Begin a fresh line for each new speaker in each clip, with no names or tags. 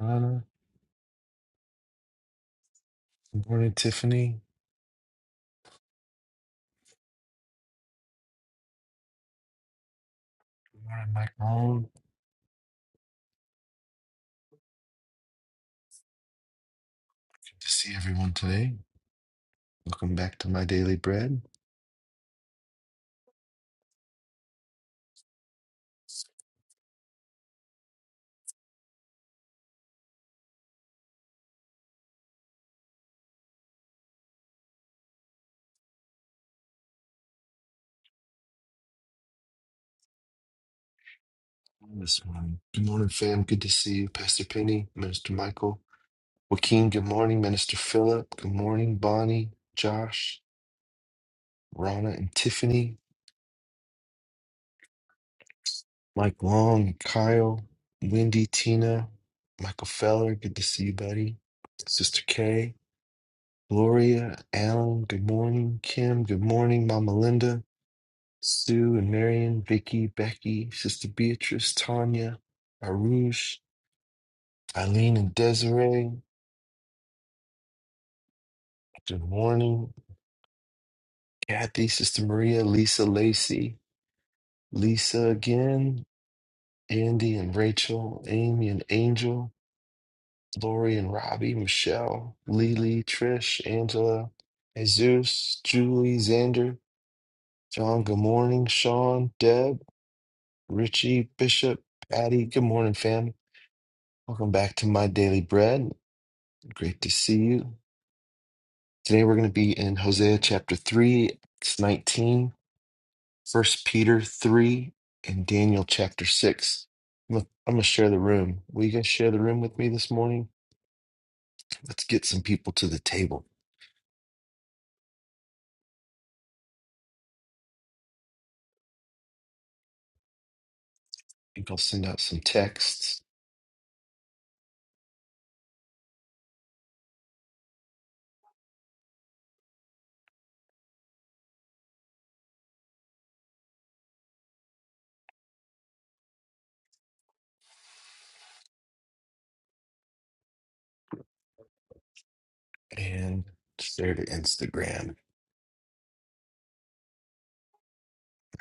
Uh, good morning, Tiffany. Good morning, Mike Malone. Good to see everyone today. Welcome back to my daily bread this morning. Good morning, fam. Good to see you, Pastor Penny, Minister Michael, Joaquin. Good morning, Minister Philip. Good morning, Bonnie, Josh, Rana, and Tiffany, Mike Long, and Kyle, Wendy, Tina, Michael Feller. Good to see you, buddy. Sister Kay, Gloria, Alan. Good morning, Kim. Good morning, Mama Linda. Sue and Marion, Vicky, Becky, Sister Beatrice, Tanya, Arush, Eileen and Desiree. Good morning, Kathy, Sister Maria, Lisa, Lacey, Lisa again, Andy and Rachel, Amy and Angel, Lori and Robbie, Michelle, Lily, Trish, Angela, Jesus, Julie, Xander, John, good morning, Sean, Deb, Richie, Bishop, Patty, good morning, fam. Welcome back to My Daily Bread. Great to see you. Today we're going to be in Hosea chapter 3, Acts 19, First Peter 3, and Daniel chapter 6. I'm going to share the room. Will you guys share the room with me this morning? Let's get some people to the table. I think I'll send out some texts and share to Instagram. My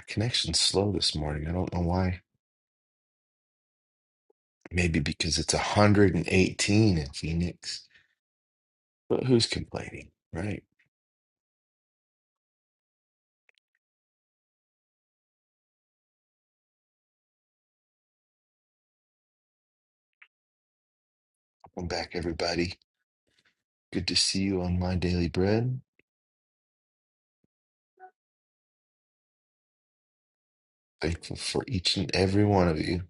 connection's slow this morning. I don't know why. Maybe because it's 118 in Phoenix. But who's complaining, right? Welcome back, everybody. Good to see you on My Daily Bread. Thankful for each and every one of you.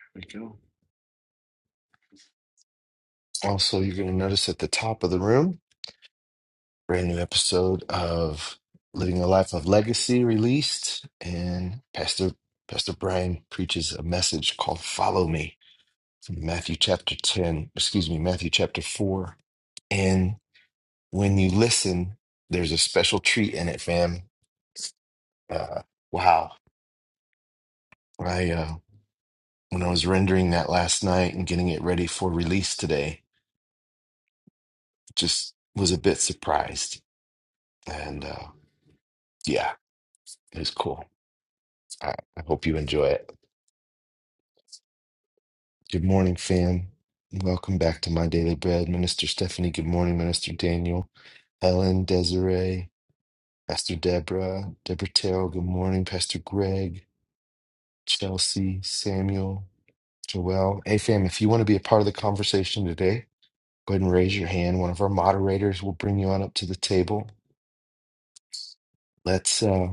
There we go. Also, you're going to notice at the top of the room, brand new episode of Living a Life of Legacy released, and Pastor Pastor Brian preaches a message called "Follow Me" from Matthew chapter ten. Excuse me, Matthew chapter four. And when you listen, there's a special treat in it, fam. Uh, wow! I uh, when I was rendering that last night and getting it ready for release today, just was a bit surprised. And uh, yeah, it was cool. I, I hope you enjoy it. Good morning, fam. Welcome back to My Daily Bread. Minister Stephanie, good morning. Minister Daniel, Ellen, Desiree, Pastor Deborah, Deborah Terrell, good morning. Pastor Greg, Chelsea, Samuel, Joelle. Hey, fam, if you want to be a part of the conversation today, go ahead and raise your hand. One of our moderators will bring you on up to the table Let's uh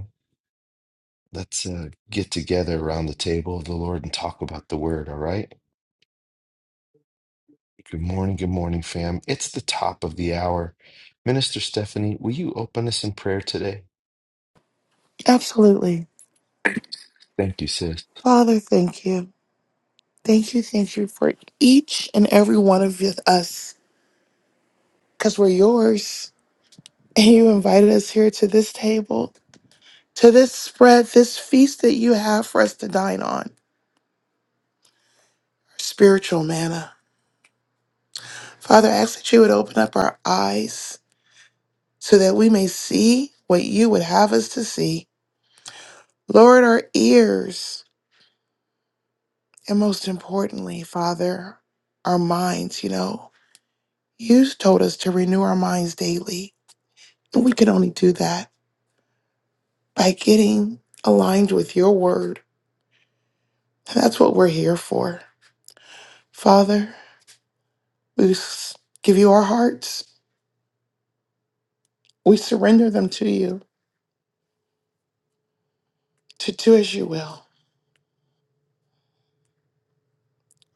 let's uh get together around the table of the Lord and talk about the word, all right? Good morning, good morning, fam. It's the top of the hour. Minister Stephanie, will you open us in prayer today?
Absolutely.
Thank you, sis.
Father, thank you. Thank you, thank you for each and every one of you- us, because we're yours. And you invited us here to this table, to this spread, this feast that you have for us to dine on, spiritual manna. Father, I ask that you would open up our eyes so that we may see what you would have us to see. Lord, our ears, and most importantly, Father, our minds, you know, you told us to renew our minds daily. But We can only do that by getting aligned with your word. And that's what we're here for. Father, we s- give you our hearts. We surrender them to you to do as you will.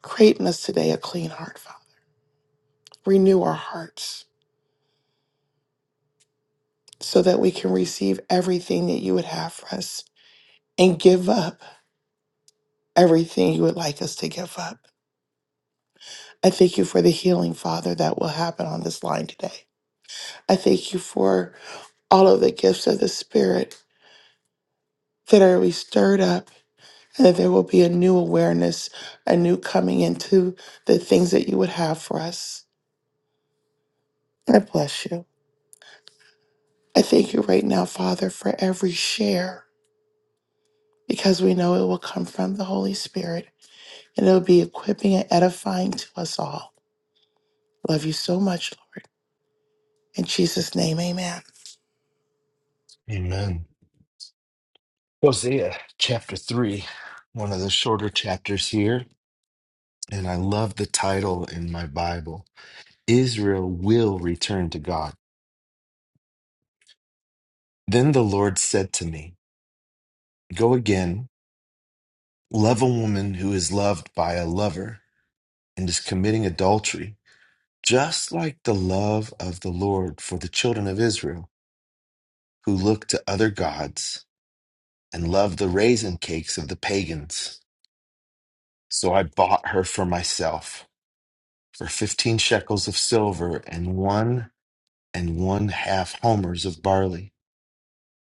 Create in us today a clean heart, Father. Renew our hearts so that we can receive everything that you would have for us and give up everything you would like us to give up. I thank you for the healing, Father, that will happen on this line today. I thank you for all of the gifts of the Spirit that are we stirred up, and that there will be a new awareness, a new coming into the things that you would have for us. I bless you. I thank you right now, Father, for every share, because we know it will come from the Holy Spirit and it will be equipping and edifying to us all. Love you so much, Lord. In Jesus' name, amen.
Amen. Hosea chapter 3, one of the shorter chapters here, and I love the title in my Bible. Israel will return to God. Then the Lord said to me, Go again, love a woman who is loved by a lover and is committing adultery just like the love of the Lord for the children of Israel, who looked to other gods and loved the raisin cakes of the pagans. So I bought her for myself for fifteen shekels of silver and one and one half homers of barley.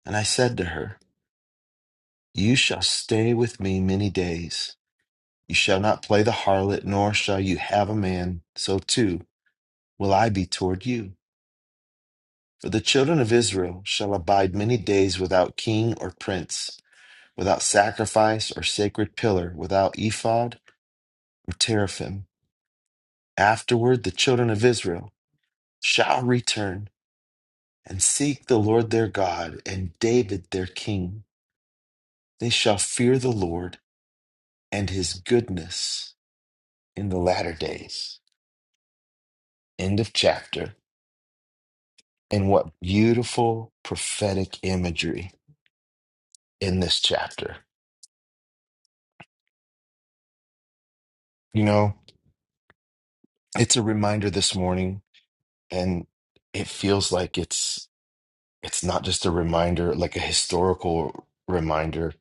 And I said to her, You shall stay with me many days. You shall not play the harlot, nor shall you have a man. So too will I be toward you. For the children of Israel shall abide many days without king or prince, without sacrifice or sacred pillar, without ephod or teraphim. Afterward, the children of Israel shall return and seek the Lord their God and David their king. They shall fear the Lord and his goodness in the latter days. End of chapter. And what beautiful prophetic imagery in this chapter. You know, it's a reminder this morning and it feels like it's it's not just a reminder like a historical reminder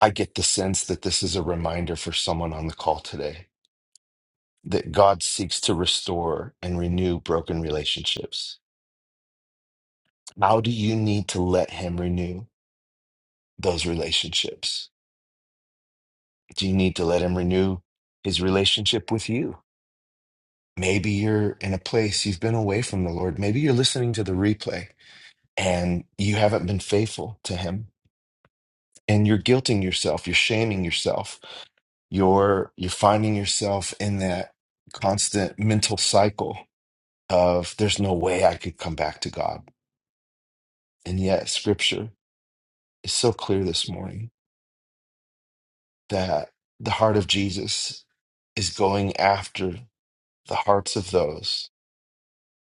i get the sense that this is a reminder for someone on the call today that god seeks to restore and renew broken relationships how do you need to let him renew those relationships do you need to let him renew his relationship with you maybe you're in a place you've been away from the lord maybe you're listening to the replay and you haven't been faithful to him and you're guilting yourself you're shaming yourself you're you're finding yourself in that constant mental cycle of there's no way I could come back to God. And yet scripture is so clear this morning that the heart of Jesus is going after the hearts of those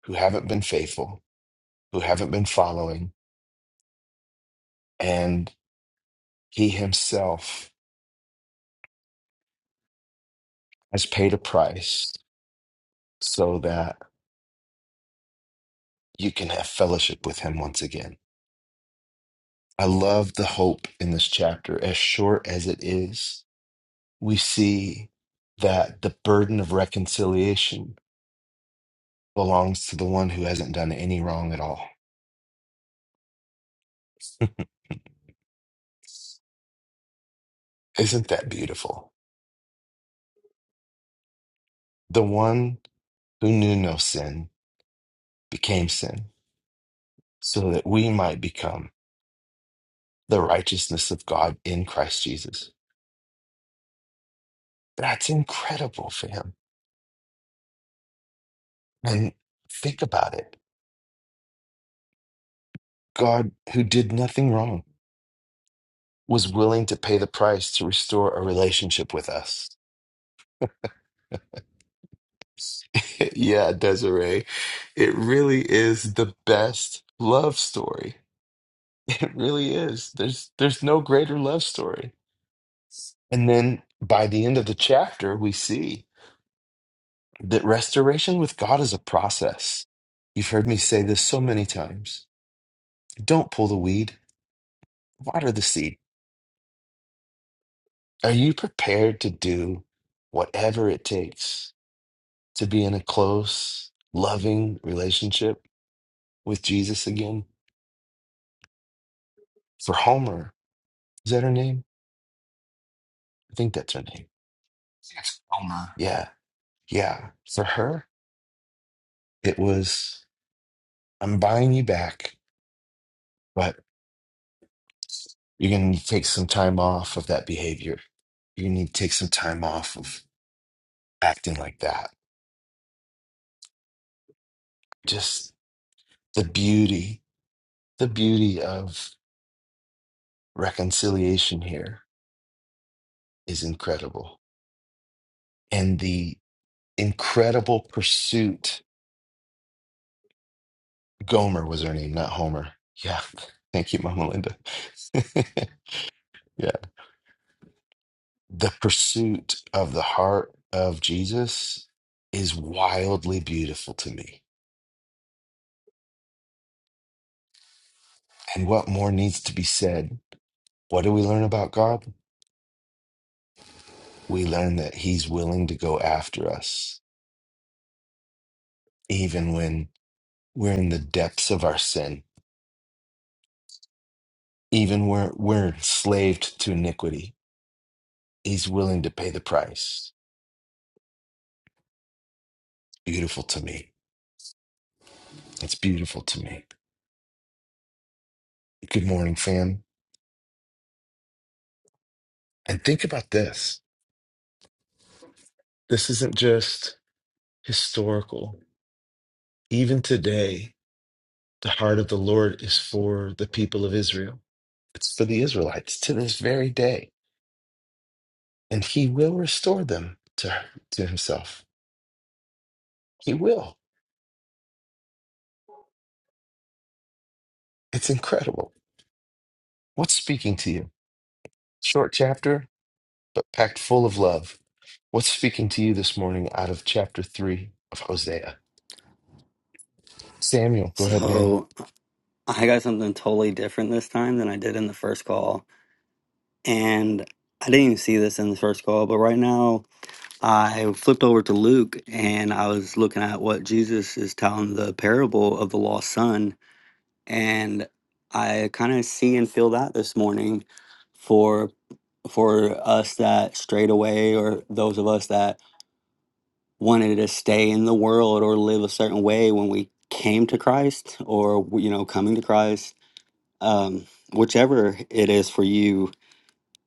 who haven't been faithful, who haven't been following, and he himself has paid a price so that you can have fellowship with him once again. I love the hope in this chapter. As short as it is, we see that the burden of reconciliation belongs to the one who hasn't done any wrong at all. Isn't that beautiful? The one who knew no sin became sin so that we might become the righteousness of God in Christ Jesus. That's incredible, fam. And think about it God, who did nothing wrong, was willing to pay the price to restore a relationship with us Yeah, Desiree, it really is the best love story. It really is. There's there's no greater love story. And then by the end of the chapter, we see that restoration with God is a process. You've heard me say this so many times. Don't pull the weed, water the seed. Are you prepared to do whatever it takes to be in a close, loving relationship with Jesus again? For Homer, is that her name? I think that's her name.
I think it's Comer.
Yeah. Yeah. For her, it was I'm buying you back, but you're going to need to take some time off of that behavior. You need to take some time off of acting like that. Just the beauty, the beauty of reconciliation here is incredible. And the incredible pursuit, Gomer was her name, not Homer. Yeah. Thank you, Mama Linda. yeah. the pursuit of the heart of Jesus is wildly beautiful to me. And what more needs to be said? What do we learn about God? We learn that He's willing to go after us, even when we're in the depths of our sin, even where we're enslaved to iniquity. He's willing to pay the price. Beautiful to me. It's beautiful to me. Good morning, fam. And think about this. This isn't just historical. Even today, The heart of the Lord is for the people of Israel. It's for the Israelites to this very day. And he will restore them to, to himself. He will. It's incredible. What's speaking to you? Short chapter, but packed full of love. What's speaking to you this morning out of chapter three of Hosea? Samuel, go ahead, man.
So I got something totally different this time than I did in the first call. And I didn't even see this in the first call, but right now I flipped over to Luke and I was looking at what Jesus is telling the parable of the lost son. And I kind of see and feel that this morning for for us that strayed away or those of us that wanted to stay in the world or live a certain way when we came to Christ or you know coming to Christ um, whichever it is for you,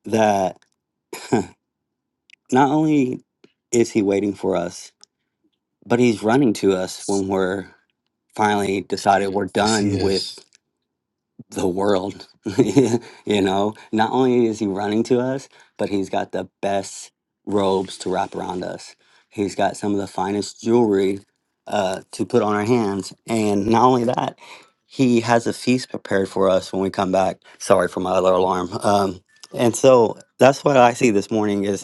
that not only is he waiting for us, but he's running to us when we're finally decided we're
Yes, he
done with
is.
the world. you know, not only is he running to us, but he's got the best robes to wrap around us. He's got some of the finest jewelry uh, to put on our hands. And not only that, he has a feast prepared for us when we come back. Sorry for my other alarm. Um, and so that's what I see this morning is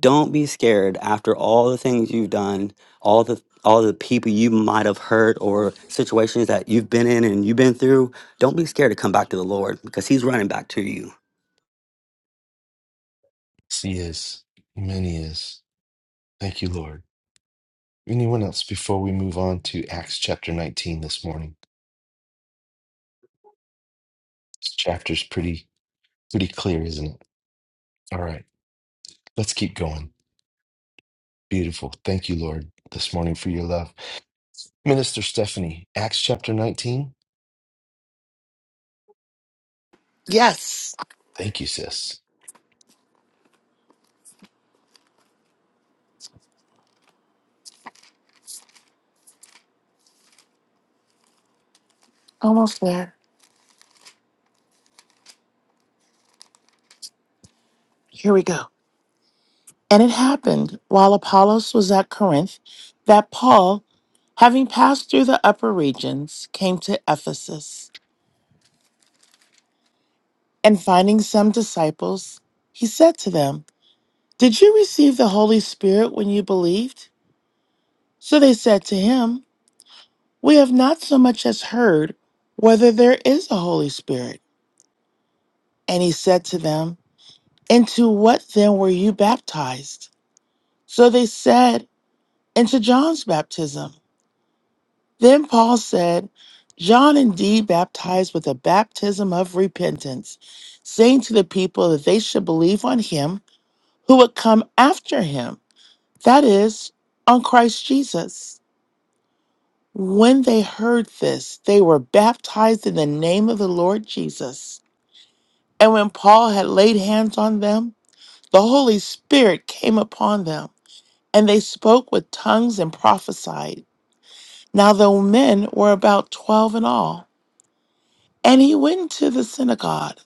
don't be scared after all the things you've done all the all the people you might have hurt or situations that you've been in and you've been through don't be scared to come back to the lord because he's running back to you
Yes, he is. Amen, he is. Thank you, Lord. Anyone else before we move on to Acts chapter 19 this morning? This chapter's pretty pretty clear, isn't it? All right, let's keep going. Beautiful. Thank you, Lord, this morning for your love. Minister Stephanie, Acts chapter 19.
Yes,
Thank you, sis.
almost there. Here we go. And it happened while Apollos was at Corinth that Paul Having passed through the upper regions, came to Ephesus, and finding some disciples, he said to them, Did you receive the Holy Spirit when you believed? So they said to him, We have not so much as heard whether there is a Holy Spirit. And he said to them, Into what then were you baptized? So they said, Into John's baptism. Then Paul said, John indeed baptized with a baptism of repentance, saying to the people that they should believe on him who would come after him, that is, on Christ Jesus. When they heard this, they were baptized in the name of the Lord Jesus. And when Paul had laid hands on them, the Holy Spirit came upon them, and they spoke with tongues and prophesied. Now the men were about twelve in all. And he went to the synagogue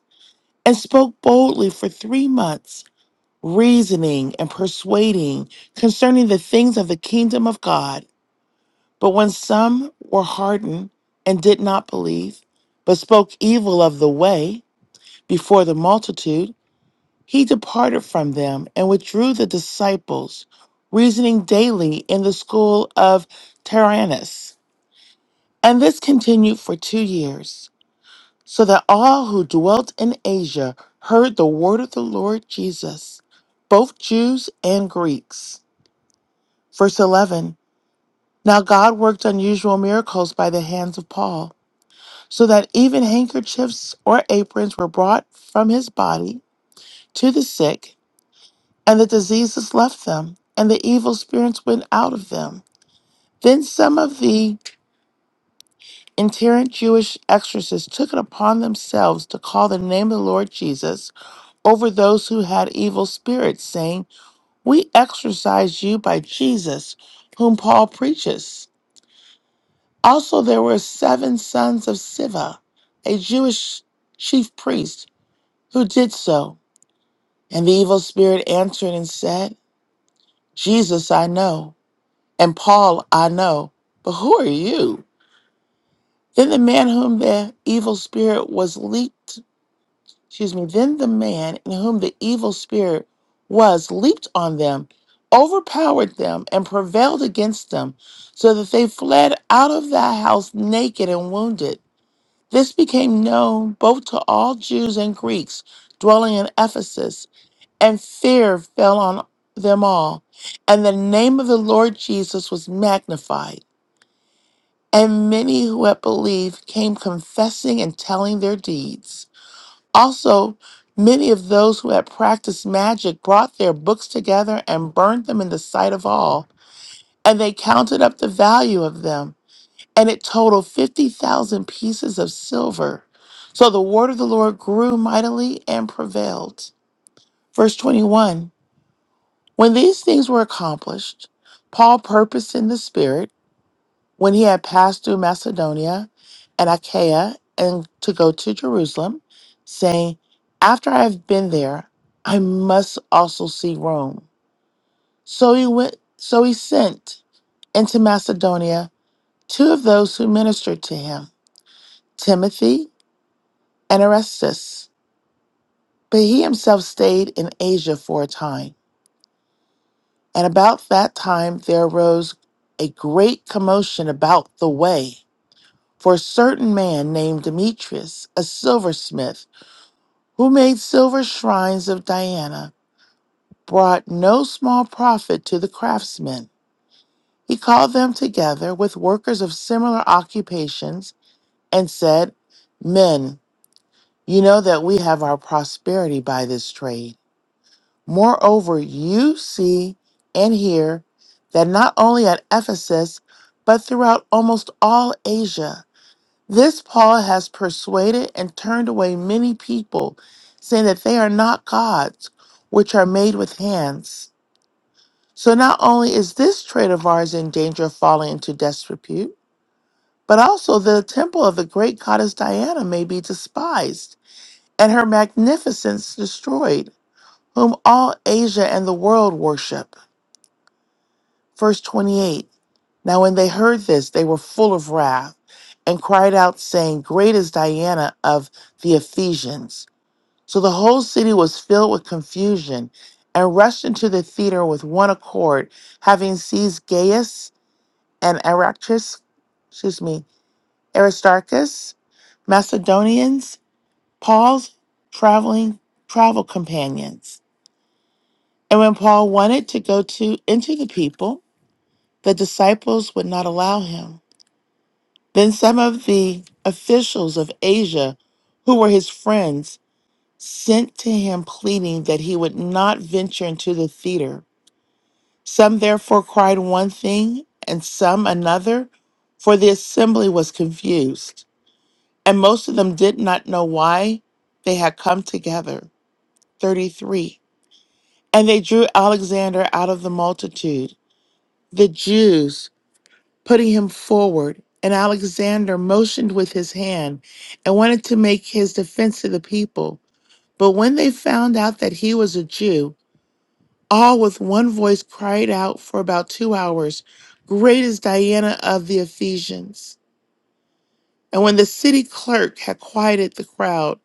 and spoke boldly for three months, reasoning and persuading concerning the things of the kingdom of God. But when some were hardened and did not believe, but spoke evil of the way before the multitude, he departed from them and withdrew the disciples, reasoning daily in the school of Tyrannus. And this continued for two years. so that all who dwelt in Asia heard the word of the Lord Jesus, both Jews and Greeks. Verse 11 Now God worked unusual miracles by the hands of Paul, so that even handkerchiefs or aprons were brought from his body to the sick, and the diseases left them, and the evil spirits went out of them. Then some of the itinerant Jewish exorcists took it upon themselves to call the name of the Lord Jesus over those who had evil spirits, saying, We exorcise you by Jesus, whom Paul preaches. Also, there were seven sons of Siva, a Jewish chief priest, who did so. And the evil spirit answered and said, Jesus I know, and Paul I know, but who are you? Then the man whom the evil spirit was leaped Excuse me. Then the man in whom the evil spirit was leaped on them, overpowered them, and prevailed against them, so that they fled out of that house naked and wounded. This became known both to all Jews and Greeks dwelling in Ephesus, and fear fell on them all. And the name of the Lord Jesus was magnified. And many who had believed came confessing and telling their deeds. Also, many of those who had practiced magic brought their books together and burned them in the sight of all, and they counted up the value of them, and it totaled 50,000 pieces of silver. So the word of the Lord grew mightily and prevailed. Verse 21 When these things were accomplished, Paul purposed in the Spirit when he had passed through Macedonia and Achaia and to go to Jerusalem, saying, After I have been there, I must also see Rome. So he went so he sent into Macedonia two of those who ministered to him, Timothy and Erastus. But he himself stayed in Asia for a time. And about that time there arose a great commotion about the way For a certain man named Demetrius, a silversmith, who made silver shrines of Diana, brought no small profit to the craftsmen. He called them together with workers of similar occupations and said, Men, you know that we have our prosperity by this trade. Moreover, you see and hear that not only at Ephesus, but throughout almost all Asia, This Paul has persuaded and turned away many people, saying that they are not gods, which are made with hands. So not only is this trade of ours in danger of falling into disrepute, but also the temple of the great goddess Diana may be despised, and her magnificence destroyed, whom all Asia and the world worship. Verse 28 Now when they heard this, they were full of wrath, and cried out, saying, Great is Diana of the Ephesians. So the whole city was filled with confusion and rushed into the theater with one accord, having seized Gaius and Aristarchus, excuse me, Aristarchus, Macedonians, Paul's traveling travel companions. And when Paul wanted to go to into the people, the disciples would not allow him. Then some of the officials of Asia, who were his friends, sent to him pleading that he would not venture into the theater. Some therefore cried one thing, and some another, for the assembly was confused. And most of them did not know why they had come together. 33. And they drew Alexander out of the multitude, the Jews putting him forward. And Alexander motioned with his hand and wanted to make his defense to the people. But when they found out that he was a Jew, All with one voice cried out for about two hours, Great is Diana of the Ephesians. And when the city clerk had quieted the crowd,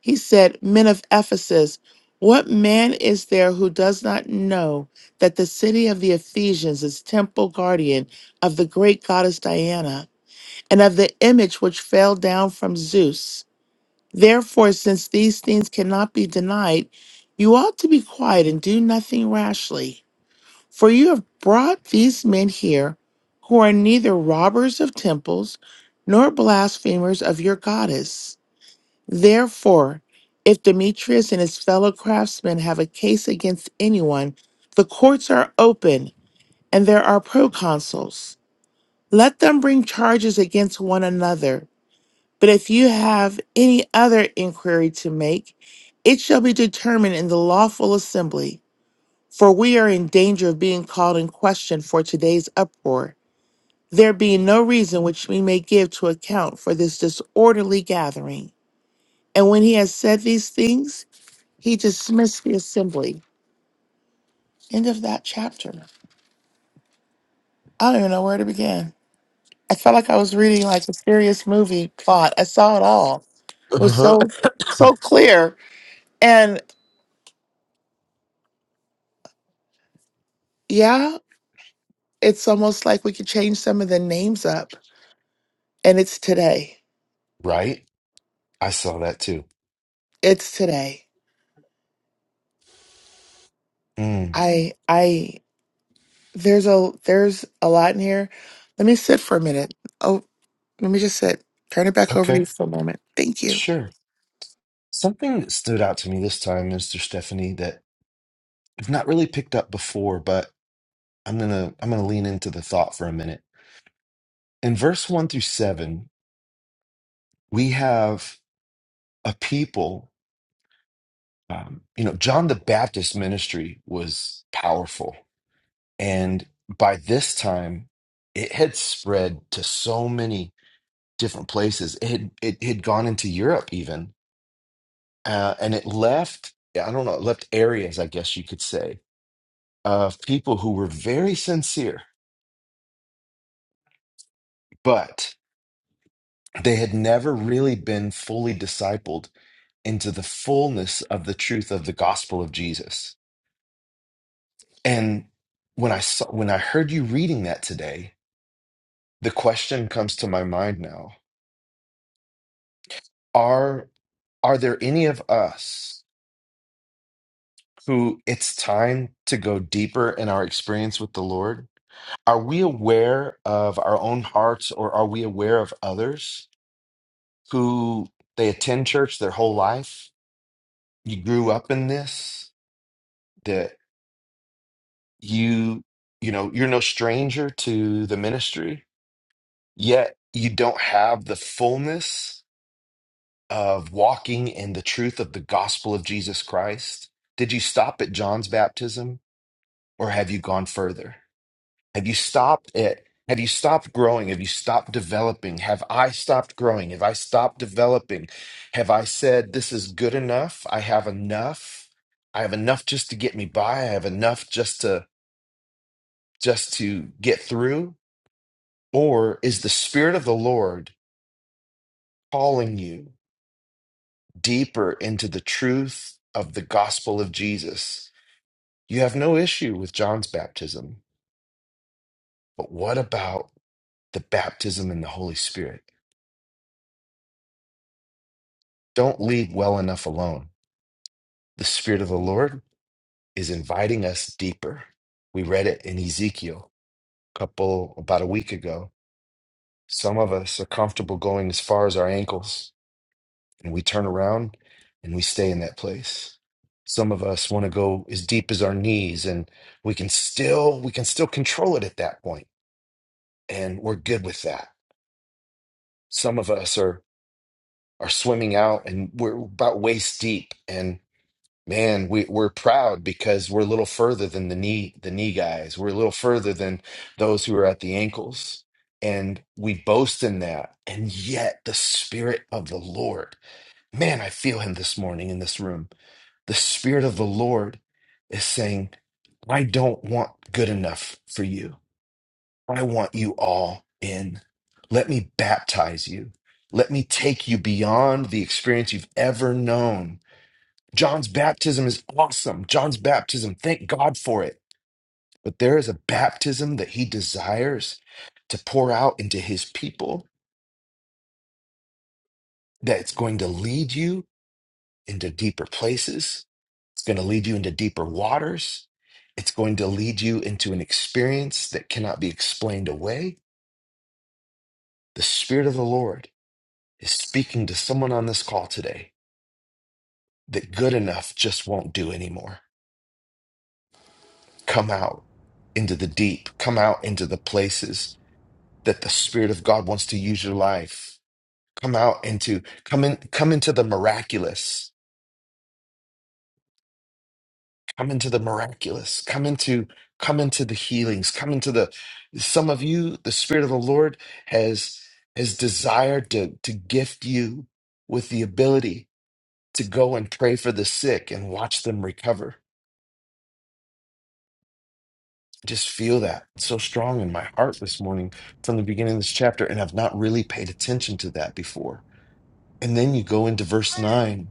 he said, Men of Ephesus, what man is there who does not know that the city of the Ephesians is temple guardian of the great goddess Diana and of the image which fell down from Zeus? Therefore, since these things cannot be denied, you ought to be quiet and do nothing rashly. For you have brought these men here who are neither robbers of temples nor blasphemers of your goddess. Therefore, if Demetrius and his fellow craftsmen have a case against anyone, the courts are open and there are proconsuls. Let them bring charges against one another. But if you have any other inquiry to make, it shall be determined in the lawful assembly. For we are in danger of being called in question for today's uproar, there being no reason which we may give to account for this disorderly gathering. And when he had said these things, he dismissed the assembly. End of that chapter. I don't even know where to begin. I felt like I was reading like a serious movie plot. I saw it all. It was
Uh-huh.
so so clear. And yeah, it's almost like we could change some of the names up. And it's today.
Right? I saw that too.
It's today.
Mm,
I I There's a there's a lot in here. Let me sit for a minute. Oh, let me just sit. Turn it back over to
okay,
you for a moment. Thank you.
sure. Something that stood out to me this time, Minister Stephanie, that I've not really picked up before, but I'm gonna I'm gonna lean into the thought for a minute. In verse one through seven, we have a people. Um, you know, John the Baptist ministry was powerful And by this time, it had spread to so many different places. It had, it had gone into Europe even, uh, and it left, I don't know, it left areas, I guess you could say, of people who were very sincere, but they had never really been fully discipled into the fullness of the truth of the gospel of Jesus. And when I saw, when I heard you reading that today, the question comes to my mind now. Are there any of us who it's time to go deeper in our experience with the Lord? Are we aware of our own hearts or are we aware of others who they attend church their whole life? You grew up in this, that you, you know, you're no stranger to the ministry, yet you don't have the fullness of walking in the truth of the gospel of Jesus Christ. Did you stop at John's baptism or have you gone further? Have you stopped it? Have you stopped growing? Have you stopped developing? Have I stopped growing? Have I stopped developing? Have I said, this is good enough? I have enough. I have enough just to get me by. I have enough just to just to get through? Or is the Spirit of the Lord calling you deeper into the truth of the gospel of Jesus? You have no issue with John's baptism, but what about the baptism in the Holy Spirit? Don't leave well enough alone The Spirit of the Lord is inviting us deeper. We read it in Ezekiel a couple, about a week ago. Some of us are comfortable going as far as our ankles, and we turn around and we stay in that place. Some of us want to go as deep as our knees, and we can still we can still control it at that point, and we're good with that. Some of us are are swimming out, and we're about waist deep, and Man, we, we're proud because we're a little further than the knee the knee guys. We're a little further than those who are at the ankles. And we boast in that. And yet the spirit of the Lord, man, I feel him this morning in this room. The spirit of the Lord is saying, I don't want good enough for you. I want you all in. Let me baptize you. Let me take you beyond the experience you've ever known John's baptism is awesome. John's baptism, thank God for it. But there is a baptism that he desires to pour out into his people that's going to lead you into deeper places. It's going to lead you into deeper waters. It's going to lead you into an experience that cannot be explained away. The Spirit of the Lord is speaking to someone on this call today that good enough just won't do anymore. Come out into the deep, come out into the places that the Spirit of God wants to use your life. Come out into come in come into the miraculous. Come into the miraculous. Come into come into the healings. Come into the some of you, the Spirit of the Lord has has desired to to gift you with the ability to go and pray for the sick and watch them recover. Just feel that so strong in my heart this morning from the beginning of this chapter, and I've not really paid attention to that before. And then you go into verse 9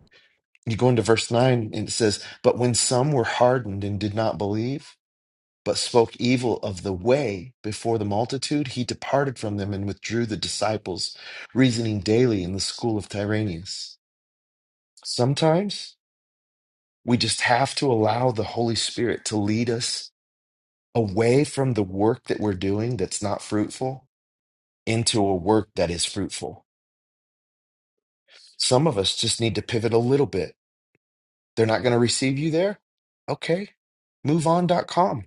You go into verse 9 and it says, But when some were hardened and did not believe, but spoke evil of the way before the multitude, he departed from them and withdrew the disciples, reasoning daily in the school of Tyrannus. Sometimes we just have to allow the Holy Spirit to lead us away from the work that we're doing that's not fruitful into a work that is fruitful. Some of us just need to pivot a little bit. They're not going to receive you there? Okay, moveon.com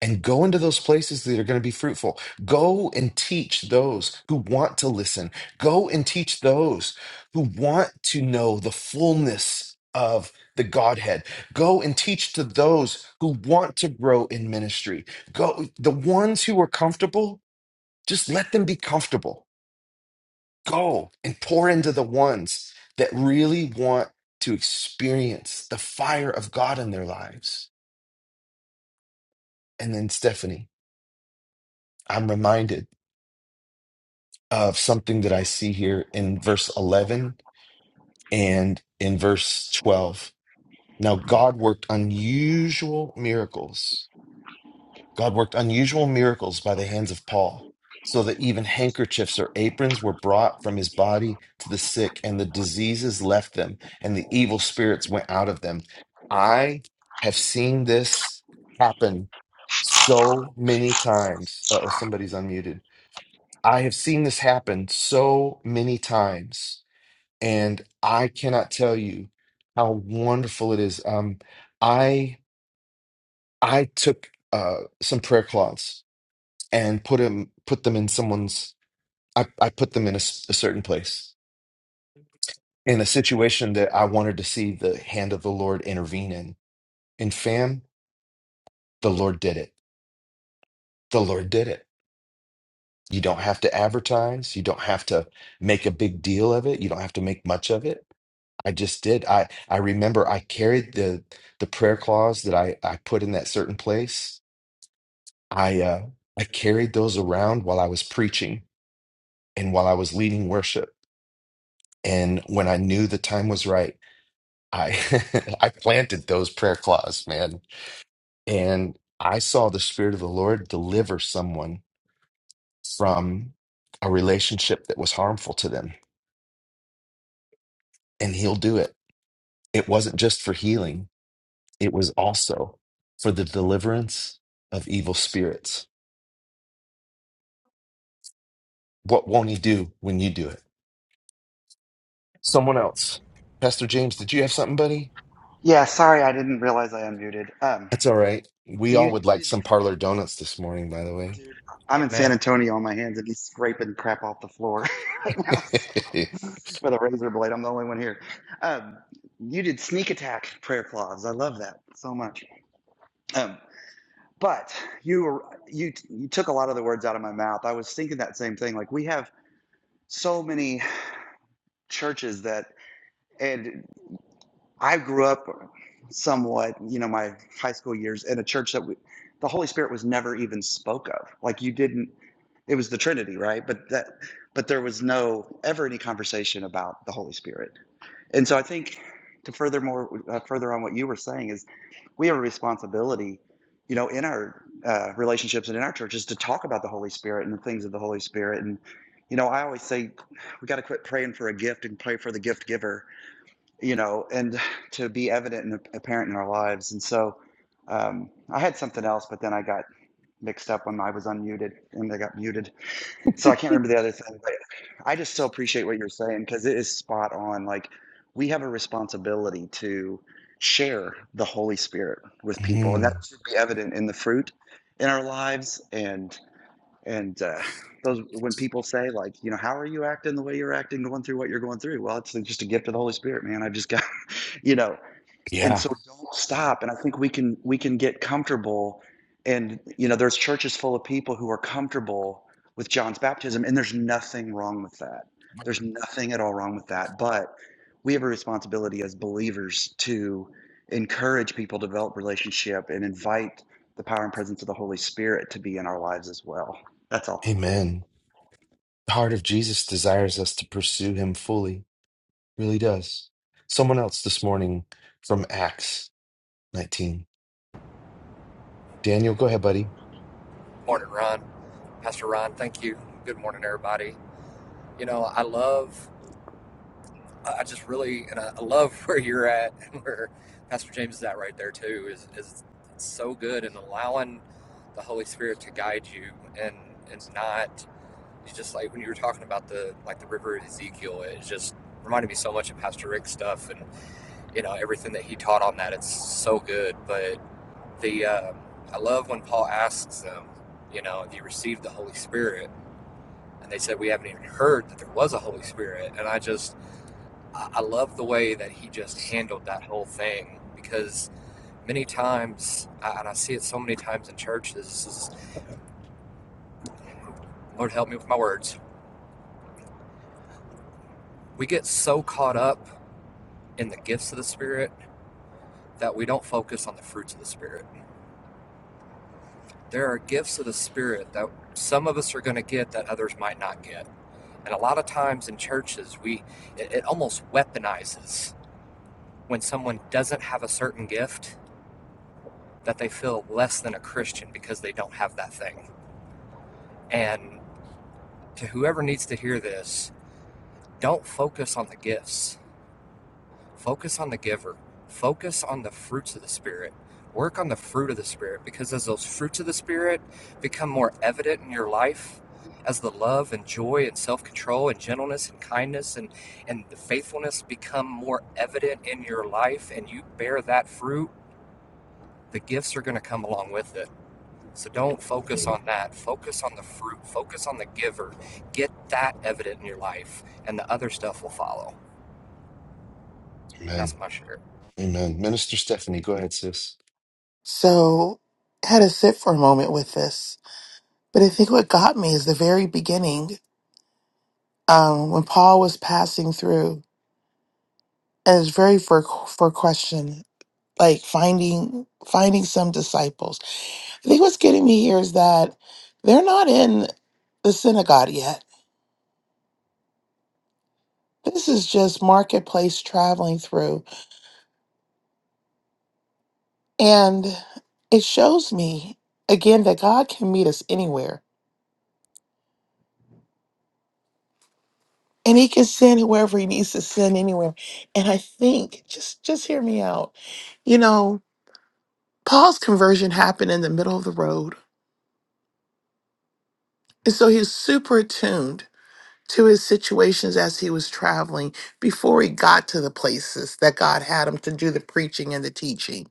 and go into those places that are going to be fruitful. Go and teach those who want to listen. Go and teach those who want to know the fullness of the Godhead. Go and teach to those who want to grow in ministry. Go, the ones who are comfortable, just let them be comfortable. Go and pour into the ones that really want to experience the fire of God in their lives. And then, Stephanie, I'm reminded. of something that I see here in verse 11 and in verse 12. Now, God worked unusual miracles. God worked unusual miracles by the hands of Paul, so that even handkerchiefs or aprons were brought from his body to the sick, and the diseases left them, and the evil spirits went out of them. I have seen this happen so many times. Oh, somebody's unmuted I have seen this happen so many times, and I cannot tell you how wonderful it is. Um, I I took uh, some prayer cloths and put them put them in someone's. I, I put them in a, s- a certain place in a situation that I wanted to see the hand of the Lord intervene in. And fam, the Lord did it. The Lord did it. You don't have to advertise. You don't have to make a big deal of it. You don't have to make much of it I just did. I I remember I carried the the prayer claws that I I put in that certain place. I uh I carried those around while I was preaching and while I was leading worship. And when I knew the time was right, I I planted those prayer claws, man. And I saw the Spirit of the Lord deliver someone from a relationship that was harmful to them, and he'll do it. It wasn't just for healing it was also for the deliverance of evil spirits. What won't he do when you do it? Someone else. Pastor James, did you have something, buddy?
Yeah, sorry, I didn't realize I unmuted. Um,
That's all right. We
so
all
you,
would
you
like
did,
some parlor donuts this morning, by the way.
dude. I'm in
Amen.
San Antonio on my hands and he's scraping crap off the floor right now so, with a razor blade. I'm the only one here. Um, you did sneak attack prayer clause. I love that so much. Um, but you were you you took a lot of the words out of my mouth. I was thinking that same thing. Like we have so many churches that. and. I grew up somewhat, you know, my high school years in a church that we, the Holy Spirit was never even spoke of. Like you didn't, it was the Trinity, right? But that, but there was no ever any conversation about the Holy Spirit. And so I think to furthermore, uh, further on what you were saying is we have a responsibility, you know, in our uh, relationships and in our churches to talk about the Holy Spirit and the things of the Holy Spirit. And, you know, I always say we got to quit praying for a gift and pray for the gift giver you know, and to be evident and apparent in our lives. And so um, I had something else, but then I got mixed up when I was unmuted and I got muted. So I can't remember the other thing, but I just so appreciate what you're saying because it is spot on. Like we have a responsibility to share the Holy Spirit with people, and that
Mm,
should be evident in the fruit in our lives and and uh, those when people say like you know how are you acting the way you're acting going through what you're going through well it's just a gift of the holy spirit man i've just got you know and
yeah.
so don't stop and i think we can we can get comfortable and you know there's churches full of people who are comfortable with john's baptism and there's nothing wrong with that there's nothing at all wrong with that but we have a responsibility as believers to encourage people to develop relationship and invite the power and presence of the holy spirit to be in our lives as well that's all
Amen. The heart of Jesus desires us to pursue him fully. Really does. Someone else this morning from Acts 19. Daniel, go ahead, buddy.
Morning, Ron. Pastor Ron, thank you. Good morning, everybody. You know, I love, I just really, and I I love where you're at and where Pastor James is at right there, too, is, is it's so good in allowing the Holy Spirit to guide you and, and not, it's just like when you were talking about the, like the river of Ezekiel, it just reminded me so much of Pastor Rick's stuff and. you know everything that he taught on that. It's so good. But the um, I love when Paul asks them, you know, if you received the Holy Spirit, and they said we haven't even heard that there was a Holy Spirit. And I just I love the way that he just handled that whole thing because many times, and I see it so many times in churches, is Lord help me with my words. We get so caught up in the gifts of the Spirit that we don't focus on the fruits of the Spirit. there are gifts of the spirit that some of us are going to get that others might not get and a lot of times in churches we it, it almost weaponizes when someone doesn't have a certain gift that they feel less than a christian because they don't have that thing and to whoever needs to hear this don't focus on the gifts Focus on the giver. Focus on the fruits of the Spirit. Work on the fruit of the Spirit because as those fruits of the Spirit become more evident in your life, as the love and joy and self control and gentleness and kindness and, and the faithfulness become more evident in your life and you bear that fruit, the gifts are going to come along with it. So don't focus on that. Focus on the fruit. Focus on the giver. Get that evident in your life, and the other stuff will follow.
Amen.
That's my share.
Amen. Minister Stephanie, go ahead, sis.
So I had to sit for a moment with this. But I think what got me is the very beginning um, when Paul was passing through, and it's very for for question, like finding finding some disciples. I think what's getting me here is that they're not in the synagogue yet. This is just marketplace traveling through. And it shows me again that God can meet us anywhere. And he can send whoever he needs to send anywhere. And I think, just just hear me out. You know, Paul's conversion happened in the middle of the road. And so he was super attuned to his situations as he was traveling before he got to the places that God had him to do the preaching and the teaching.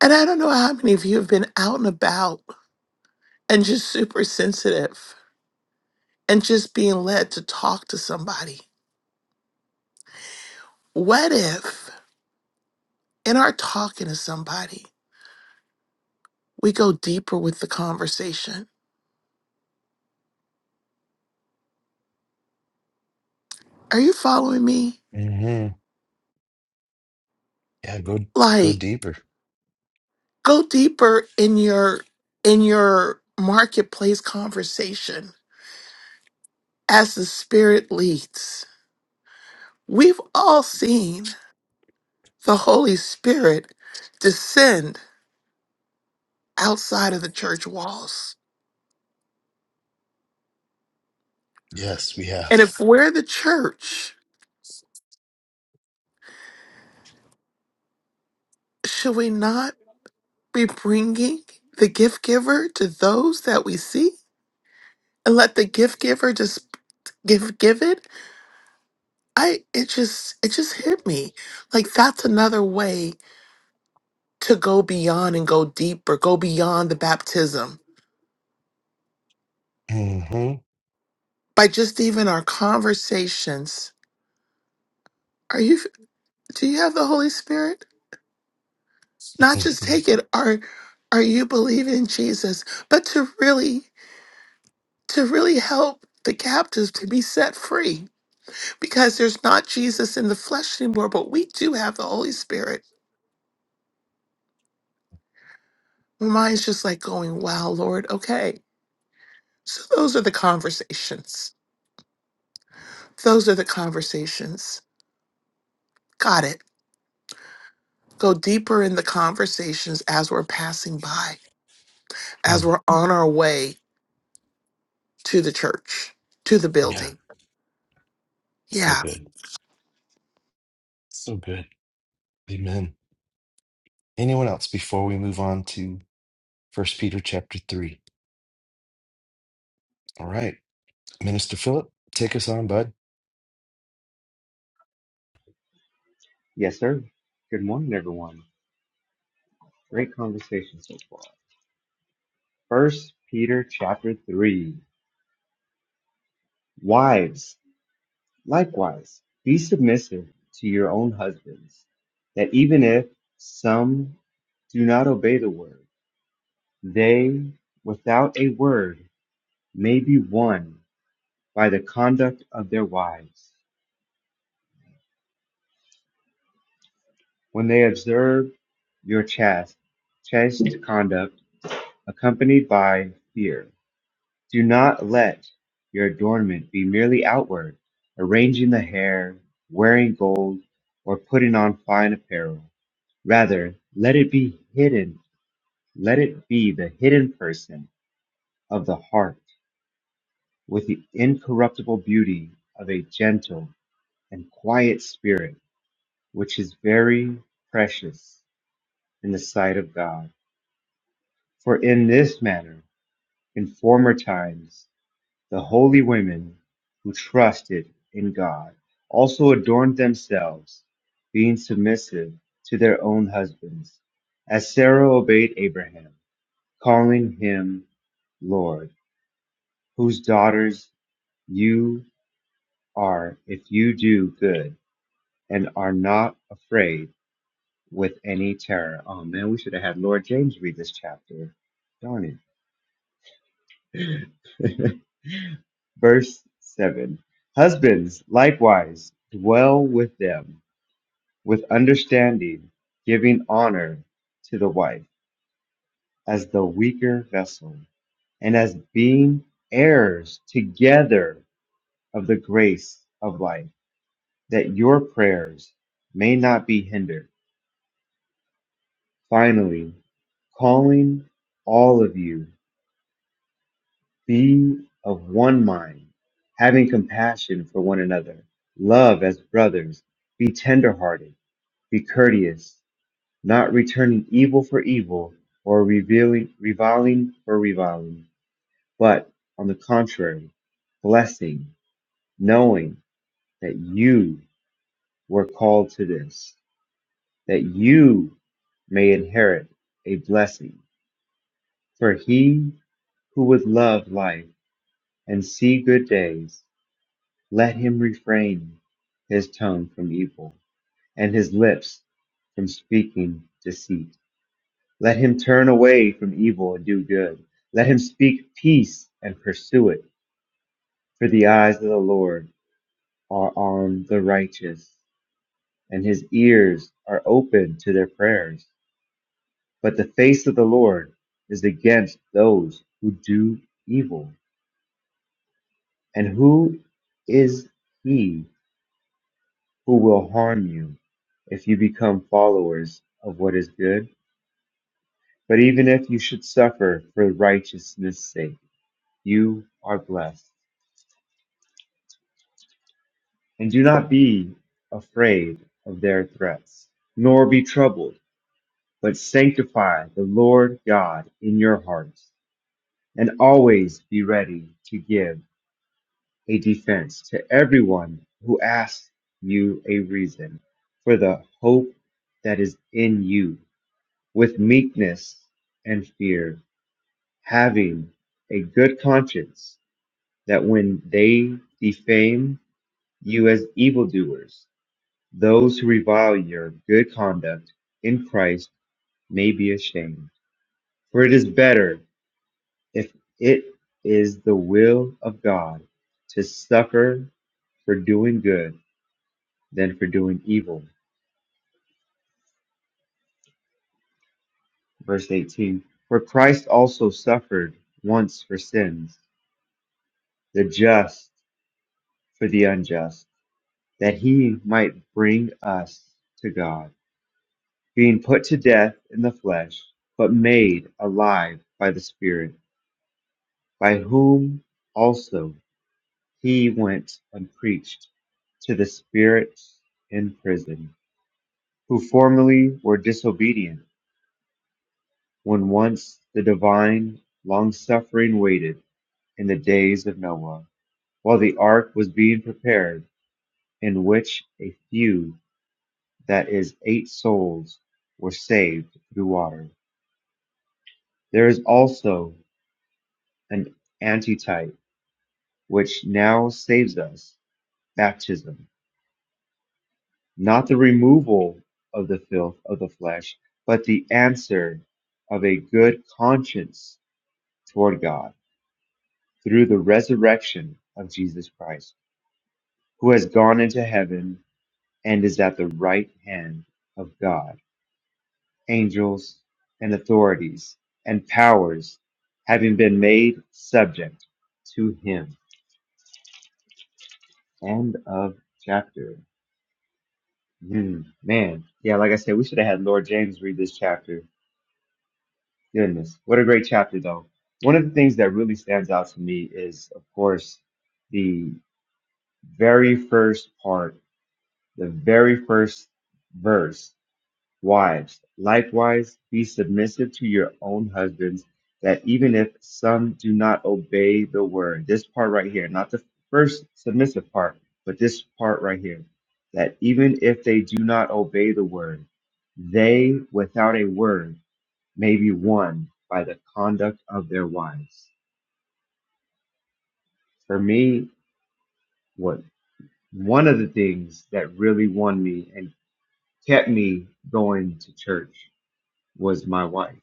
And I don't know how many of you have been out and about and just super sensitive and just being led to talk to somebody. What if in our talking to somebody, we go deeper with the conversation? Are you following me?
Yeah, go go
Like
deeper.
go deeper in your in your marketplace conversation as the spirit leads. We've all seen the Holy Spirit descend outside of the church walls
Yes, we
And
have.
if we're the church, should we not be bringing the gift giver to those that we see and let the gift giver just give give it? I it just it just hit me. Like that's another way to go beyond and go deeper, go beyond the baptism
hmm
by just even our conversations. Are you do you have the Holy Spirit? Not just take it are are you believing in Jesus, but to really to really help the captives to be set free because there's not Jesus in the flesh anymore, but we do have the Holy Spirit. My mind's just like going, wow, Lord, okay. So those are the conversations. Those are the conversations. Got it. Go deeper in the conversations as we're passing by, as we're on our way to the church, to the
Yeah,
building.
so
Yeah,
good, so good. Amen. Anyone else before we move on to First Peter chapter three? All right, Minister Philip, take us on, bud.
Yes, sir. Good morning, everyone. Great conversation so far. First Peter chapter three. Wives, likewise, be submissive to your own husbands, that even if some do not obey the word, they, without a word, may be won by the conduct of their wives, when they observe your chaste, chaste conduct, accompanied by fear. Do not let your adornment be merely outward, arranging the hair, wearing gold, or putting on fine apparel. Rather, let it be hidden. Let it be the hidden person of the heart with the incorruptible beauty of a gentle and quiet spirit, which is very precious in the sight of God. For in this manner, in former times, The holy women who trusted in God also adorned themselves, being submissive to their own husbands, as Sarah obeyed Abraham, calling him Lord, whose daughters you are if you do good and are not afraid with any terror. Oh man, we should have had Lord James read this chapter. Darn it. Verse 7 Husbands, likewise, dwell with them with understanding, giving honor to the wife as the weaker vessel, and as being heirs together of the grace of life, that your prayers may not be hindered. Finally, calling all of you, be of one mind, having compassion for one another, love as brothers, be tenderhearted Be courteous, not returning evil for evil, or revealing, reviling for reviling, but, on the contrary, blessing, knowing that you were called to this, that you may inherit a blessing. For he who would love life and see good days, let him refrain his tongue from evil and his lips from speaking deceit. Let him turn away from evil and do good. Let him speak peace and pursue it. For the eyes of the Lord are on the righteous, and his ears are open to their prayers. But the face of the Lord is against those who do evil. And who is he who will harm you if you become followers of what is good? But even if you should suffer for righteousness' sake, you are blessed. And do not be afraid of their threats, nor be troubled, but sanctify the Lord God in your hearts, and always be ready to give a defense to everyone who asks you a reason for the hope that is in you, with meekness and fear, having a good conscience, that when they defame you as evildoers, Those who revile your good conduct in Christ may be ashamed. For it is better, if it is the will of God, to suffer for doing good than for doing evil. Verse 18 For Christ also suffered once for sins, the just for the unjust, that he might bring us to God, being put to death in the flesh, but made alive by the Spirit by whom also he went and preached to the spirits in prison, who formerly were disobedient, when once the divine long-suffering waited in the days of Noah, while the ark was being prepared, in which a few, that is, eight souls, were saved through water. There is also an antitype which now saves us, baptism not the removal of the filth of the flesh, but the answer of a good conscience toward God through the resurrection of Jesus Christ, who has gone into heaven and is at the right hand of God. Angels and authorities and powers having been made subject to him. End of chapter. Hmm, man. Yeah, like I said, we should have had Lord James read this chapter Goodness, what a great chapter, though. One of the things that really stands out to me is, of course, the very first part, the very first verse. Wives, likewise, be submissive to your own husbands, that even if some do not obey the word, this part right here, not the first submissive part, but this part right here, that even if they do not obey the word, they without a word may be won by the conduct of their wives. For me, what one of the things that really won me and kept me going to church was my wife.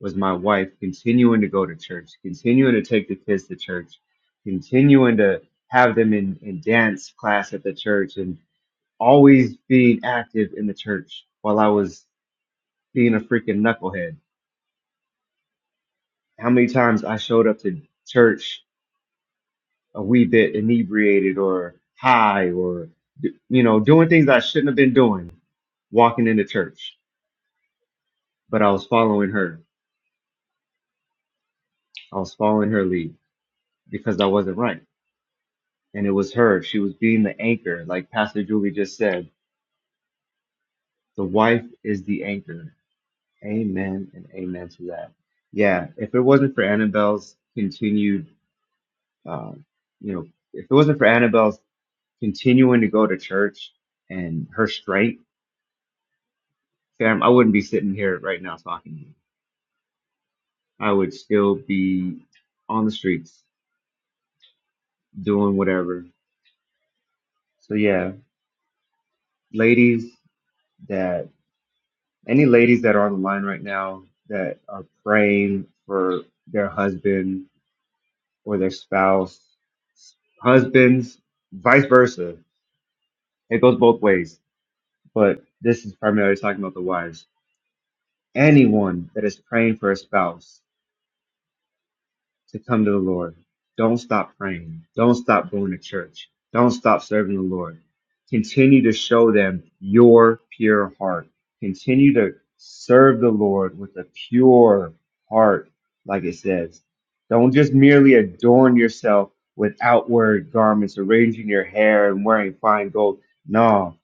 Was my wife continuing to go to church, continuing to take the kids to church, continuing to have them in, in dance class at the church and always being active in the church while I was being a freaking knucklehead. How many times I showed up to church a wee bit inebriated or high or d- you know doing things I shouldn't have been doing walking into church but I was following her I was following her lead because I wasn't right and it was her she was being the anchor like pastor Julie just said the wife is the anchor amen and amen to that yeah if it wasn't for Annabelle's continued uh, you know if it wasn't for Annabelle's continuing to go to church and her strength Sam, I wouldn't be sitting here right now talking to you. I would still be on the streets doing whatever. So yeah, ladies that any ladies that are on the line right now that are praying for their husband or their spouse, husbands, vice versa. It goes both ways. But this is primarily talking about the wives. Anyone that is praying for a spouse to come to the Lord. Don't stop praying. Don't stop going to church. Don't stop serving the Lord. Continue to show them your pure heart. Continue to serve the Lord with a pure heart, like it says. Don't just merely adorn yourself with outward garments, arranging your hair and wearing fine gold. No,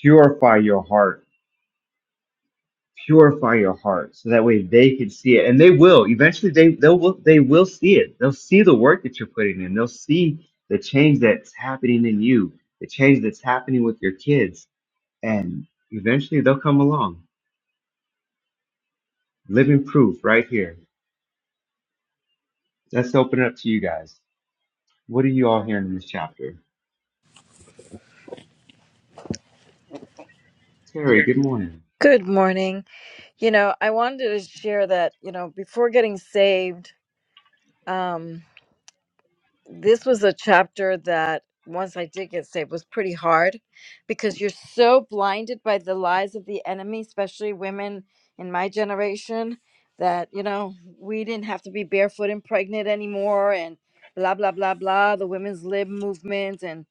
purify your heart purify your heart so that way they can see it and they will eventually they they'll they will see it they'll see the work that you're putting in they'll see the change that's happening in you the change that's happening with your kids and eventually they'll come along living proof right here let's open it up to you guys what are you all hearing in this chapter terry good morning
Good morning. You know, I wanted to share that, you know, before getting saved, um, this was a chapter that once I did get saved was pretty hard because you're so blinded by the lies of the enemy, especially women in my generation, that, you know, we didn't have to be barefoot and pregnant anymore and blah, blah, blah, blah, the women's lib movement and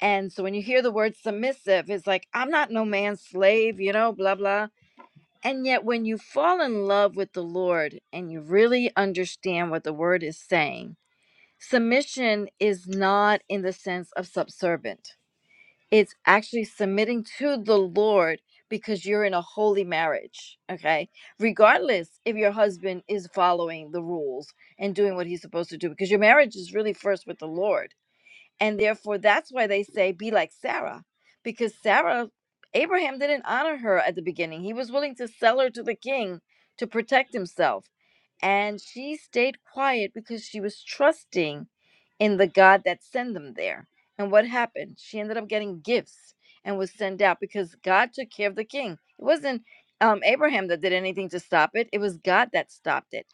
and so when you hear the word submissive, it's like, I'm not no man's slave, you know, blah, blah and yet, when you fall in love with the Lord and you really understand what the word is saying, submission is not in the sense of subservient. It's actually submitting to the Lord because you're in a holy marriage, okay? Regardless if your husband is following the rules and doing what he's supposed to do, because your marriage is really first with the Lord. And therefore, that's why they say, be like Sarah, because Sarah, Abraham didn't honor her at the beginning. He was willing to sell her to the king to protect himself. And she stayed quiet because she was trusting in the God that sent them there. And what happened? She ended up getting gifts and was sent out because God took care of the king. It wasn't um, Abraham that did anything to stop it. It was God that stopped it.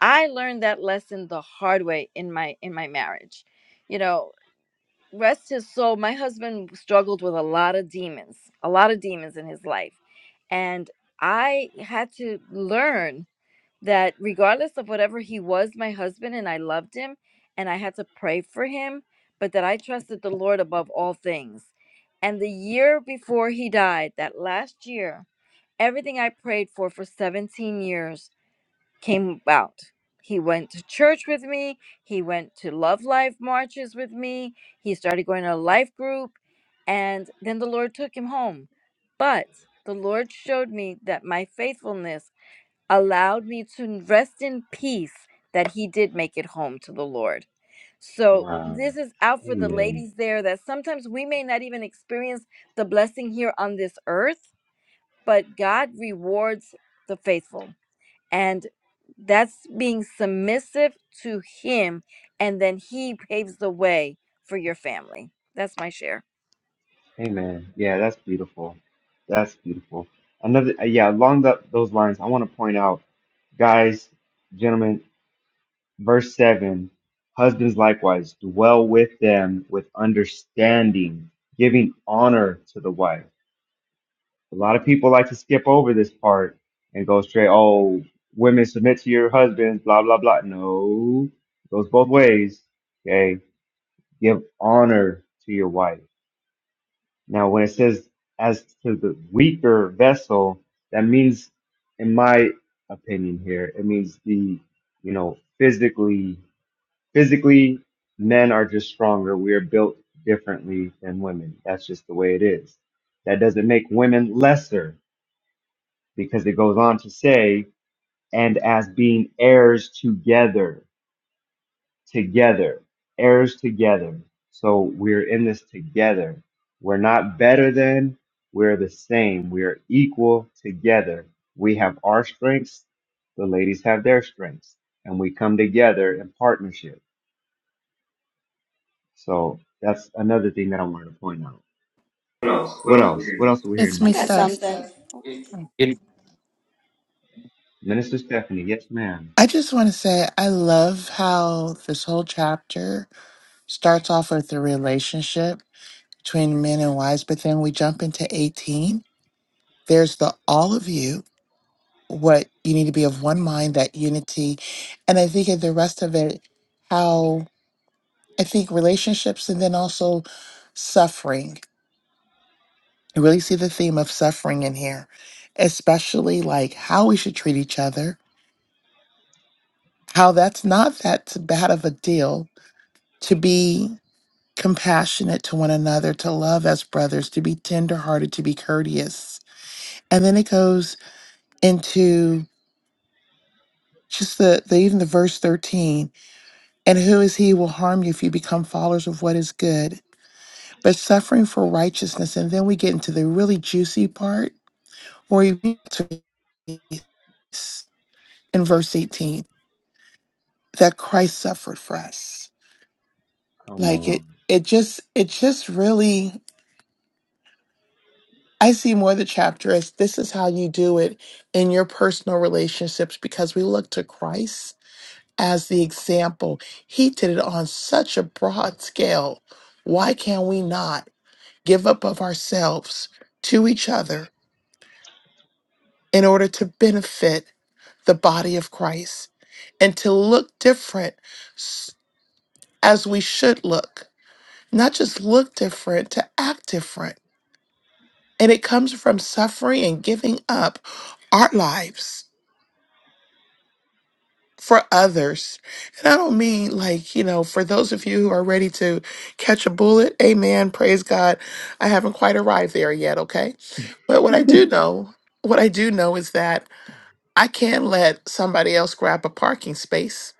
I learned that lesson the hard way in my in my marriage you know rest his soul my husband struggled with a lot of demons a lot of demons in his life and i had to learn that regardless of whatever he was my husband and i loved him and i had to pray for him but that i trusted the lord above all things and the year before he died that last year everything i prayed for for 17 years came about. He went to church with me. He went to Love Life marches with me. He started going to a life group. And then the Lord took him home. But the Lord showed me that my faithfulness allowed me to rest in peace that he did make it home to the Lord. So,
wow
this is out for the
amen
ladies there that sometimes we may not even experience the blessing here on this earth, but God rewards the faithful and that's being submissive to him and then he paves the way for your family that's my share
Amen. Yeah, that's beautiful. That's beautiful. Another, uh, yeah, along the, those lines, I want to point out, guys, gentlemen, verse 7 Husbands likewise dwell with them with understanding, giving honor to the wife. A lot of people like to skip over this part and go straight, oh, women submit to your husbands, blah, blah, blah. No, it goes both ways. Okay, give honor to your wife Now, when it says as to the weaker vessel, that means, in my opinion, here it means the you know physically physically men are just stronger. We are built differently than women. That's just the way it is. That doesn't make women lesser because it goes on to say and as being heirs together together, heirs together. So we're in this together. We're not better than, we're the same. We're equal together. We have our strengths, the ladies have their strengths, and we come together in partnership. So that's another thing that I wanted to point out.
What else? What
What
else are we
else? What
gonna do?
else are we hearing
it's
in this
me
I've got
chapter?
stuff.
something.
in
Minister Stephanie, yes, ma'am.
I just want to say I love how this whole chapter starts off with the relationship between men and wives, but then we jump into 18. There's the all of you, what you need to be of one mind, that unity. And I think in the rest of it, how I think relationships and then also suffering. You really see the theme of suffering in here, especially like how we should treat each other, how that's not that bad of a deal to be. compassionate to one another, to love as brothers, to be tenderhearted, to be courteous. And then it goes into just the, the even the verse 13 and who is he who will harm you if you become followers of what is good but suffering for righteousness and then we get into the really juicy part where you get to in verse 18 that christ suffered for us
Come
like it
on.
it just it just really I see more of the chapter as this is how you do it in your personal relationships because we look to Christ as the example. He did it on such a broad scale. Why can we not give up of ourselves to each other in order to benefit the body of Christ and to look different s- as we should look? Not just look different, to act different. And it comes from suffering and giving up our lives for others. And I don't mean like, you know, for those of you who are ready to catch a bullet, amen, praise God. I haven't quite arrived there yet, okay? But what I do know, what I do know is that I can't let somebody else grab a parking space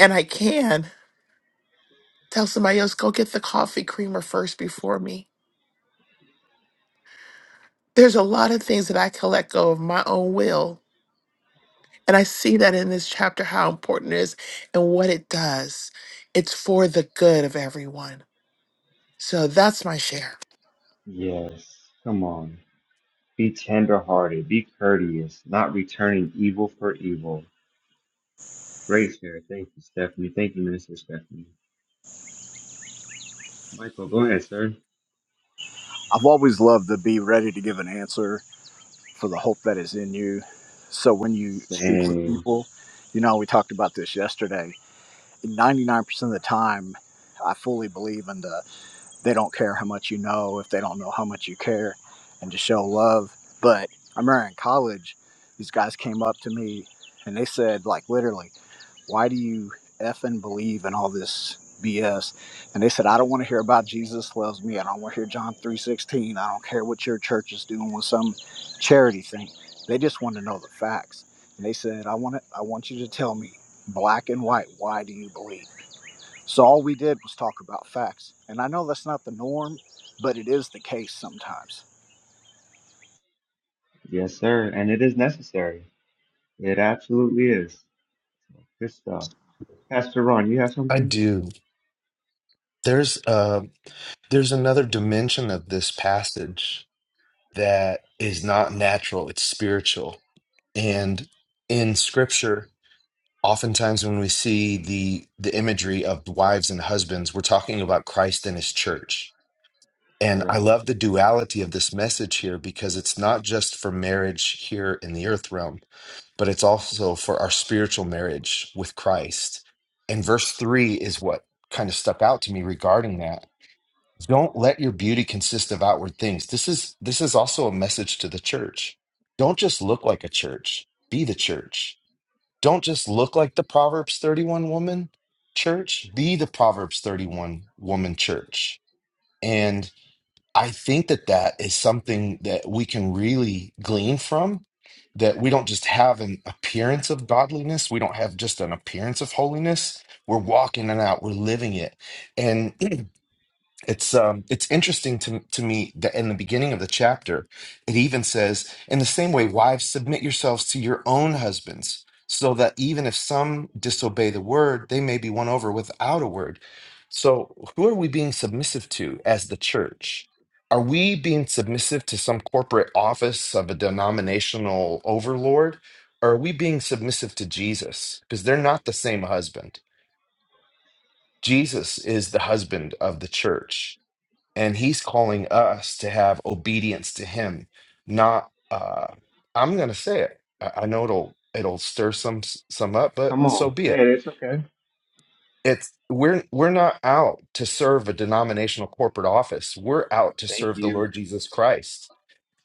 and I can tell somebody else go get the coffee creamer first before me. There's a lot of things that I can let go of my own will. And I see that in this chapter how important it is and what it does. It's for the good of everyone. So that's my share.
Yes, come on. Be tenderhearted, be courteous, not returning evil for evil Grace here. Thank you, Stephanie. Thank you, Minister Stephanie. Michael, go ahead, sir.
I've always loved to be ready to give an answer for the hope that is in you. So when you speak with
Same.
people, you know, we talked about this yesterday. 99% of the time, I fully believe in the they don't care how much you know if they don't know how much you care and to show love. But I remember in college, these guys came up to me and they said, like, literally, why do you effing believe in all this BS? And they said, I don't want to hear about Jesus loves me. I don't want to hear John 3.16. I don't care what your church is doing with some charity thing. They just want to know the facts. And they said, I want it, I want you to tell me black and white, why do you believe? So all we did was talk about facts. And I know that's not the norm, but it is the case sometimes.
Yes, sir. And it is necessary. It absolutely is. Good stuff. Pastor Ron, you have
I
something?
do. There's uh, there's another dimension of this passage that is not natural. It's spiritual, and in Scripture oftentimes when we see the the imagery of wives and husbands we're talking about christ and his church and i
Right.
love the duality of this message here because it's not just for marriage here in the earth realm but it's also for our spiritual marriage with christ and verse 3 is what kind of stuck out to me regarding that don't let your beauty consist of outward things this is this is also a message to the church don't just look like a church be the church don't just look like the Proverbs 31 woman church, be the Proverbs 31 woman church. And I think that that is something that we can really glean from that we don't just have an appearance of godliness, we don't have just an appearance of holiness. We're walking it out, we're living it. and. It's um it's interesting to to me that in the beginning of the chapter it even says in the same way wives submit yourselves to your own husbands so that even if some disobey the word they may be won over without a word. So who are we being submissive to as the church? Are we being submissive to some corporate office of a denominational overlord or are we being submissive to Jesus? Because they're not the same husband. Jesus is the husband of the church and he's calling us to have obedience to him not uh i'm gonna say it i, I know it'll it'll stir some some up but
Come
so
on,
be
say
it
it. It's okay.
it's we're we're not out to serve a denominational corporate office we're out to
Thank
serve the
you.
lord jesus christ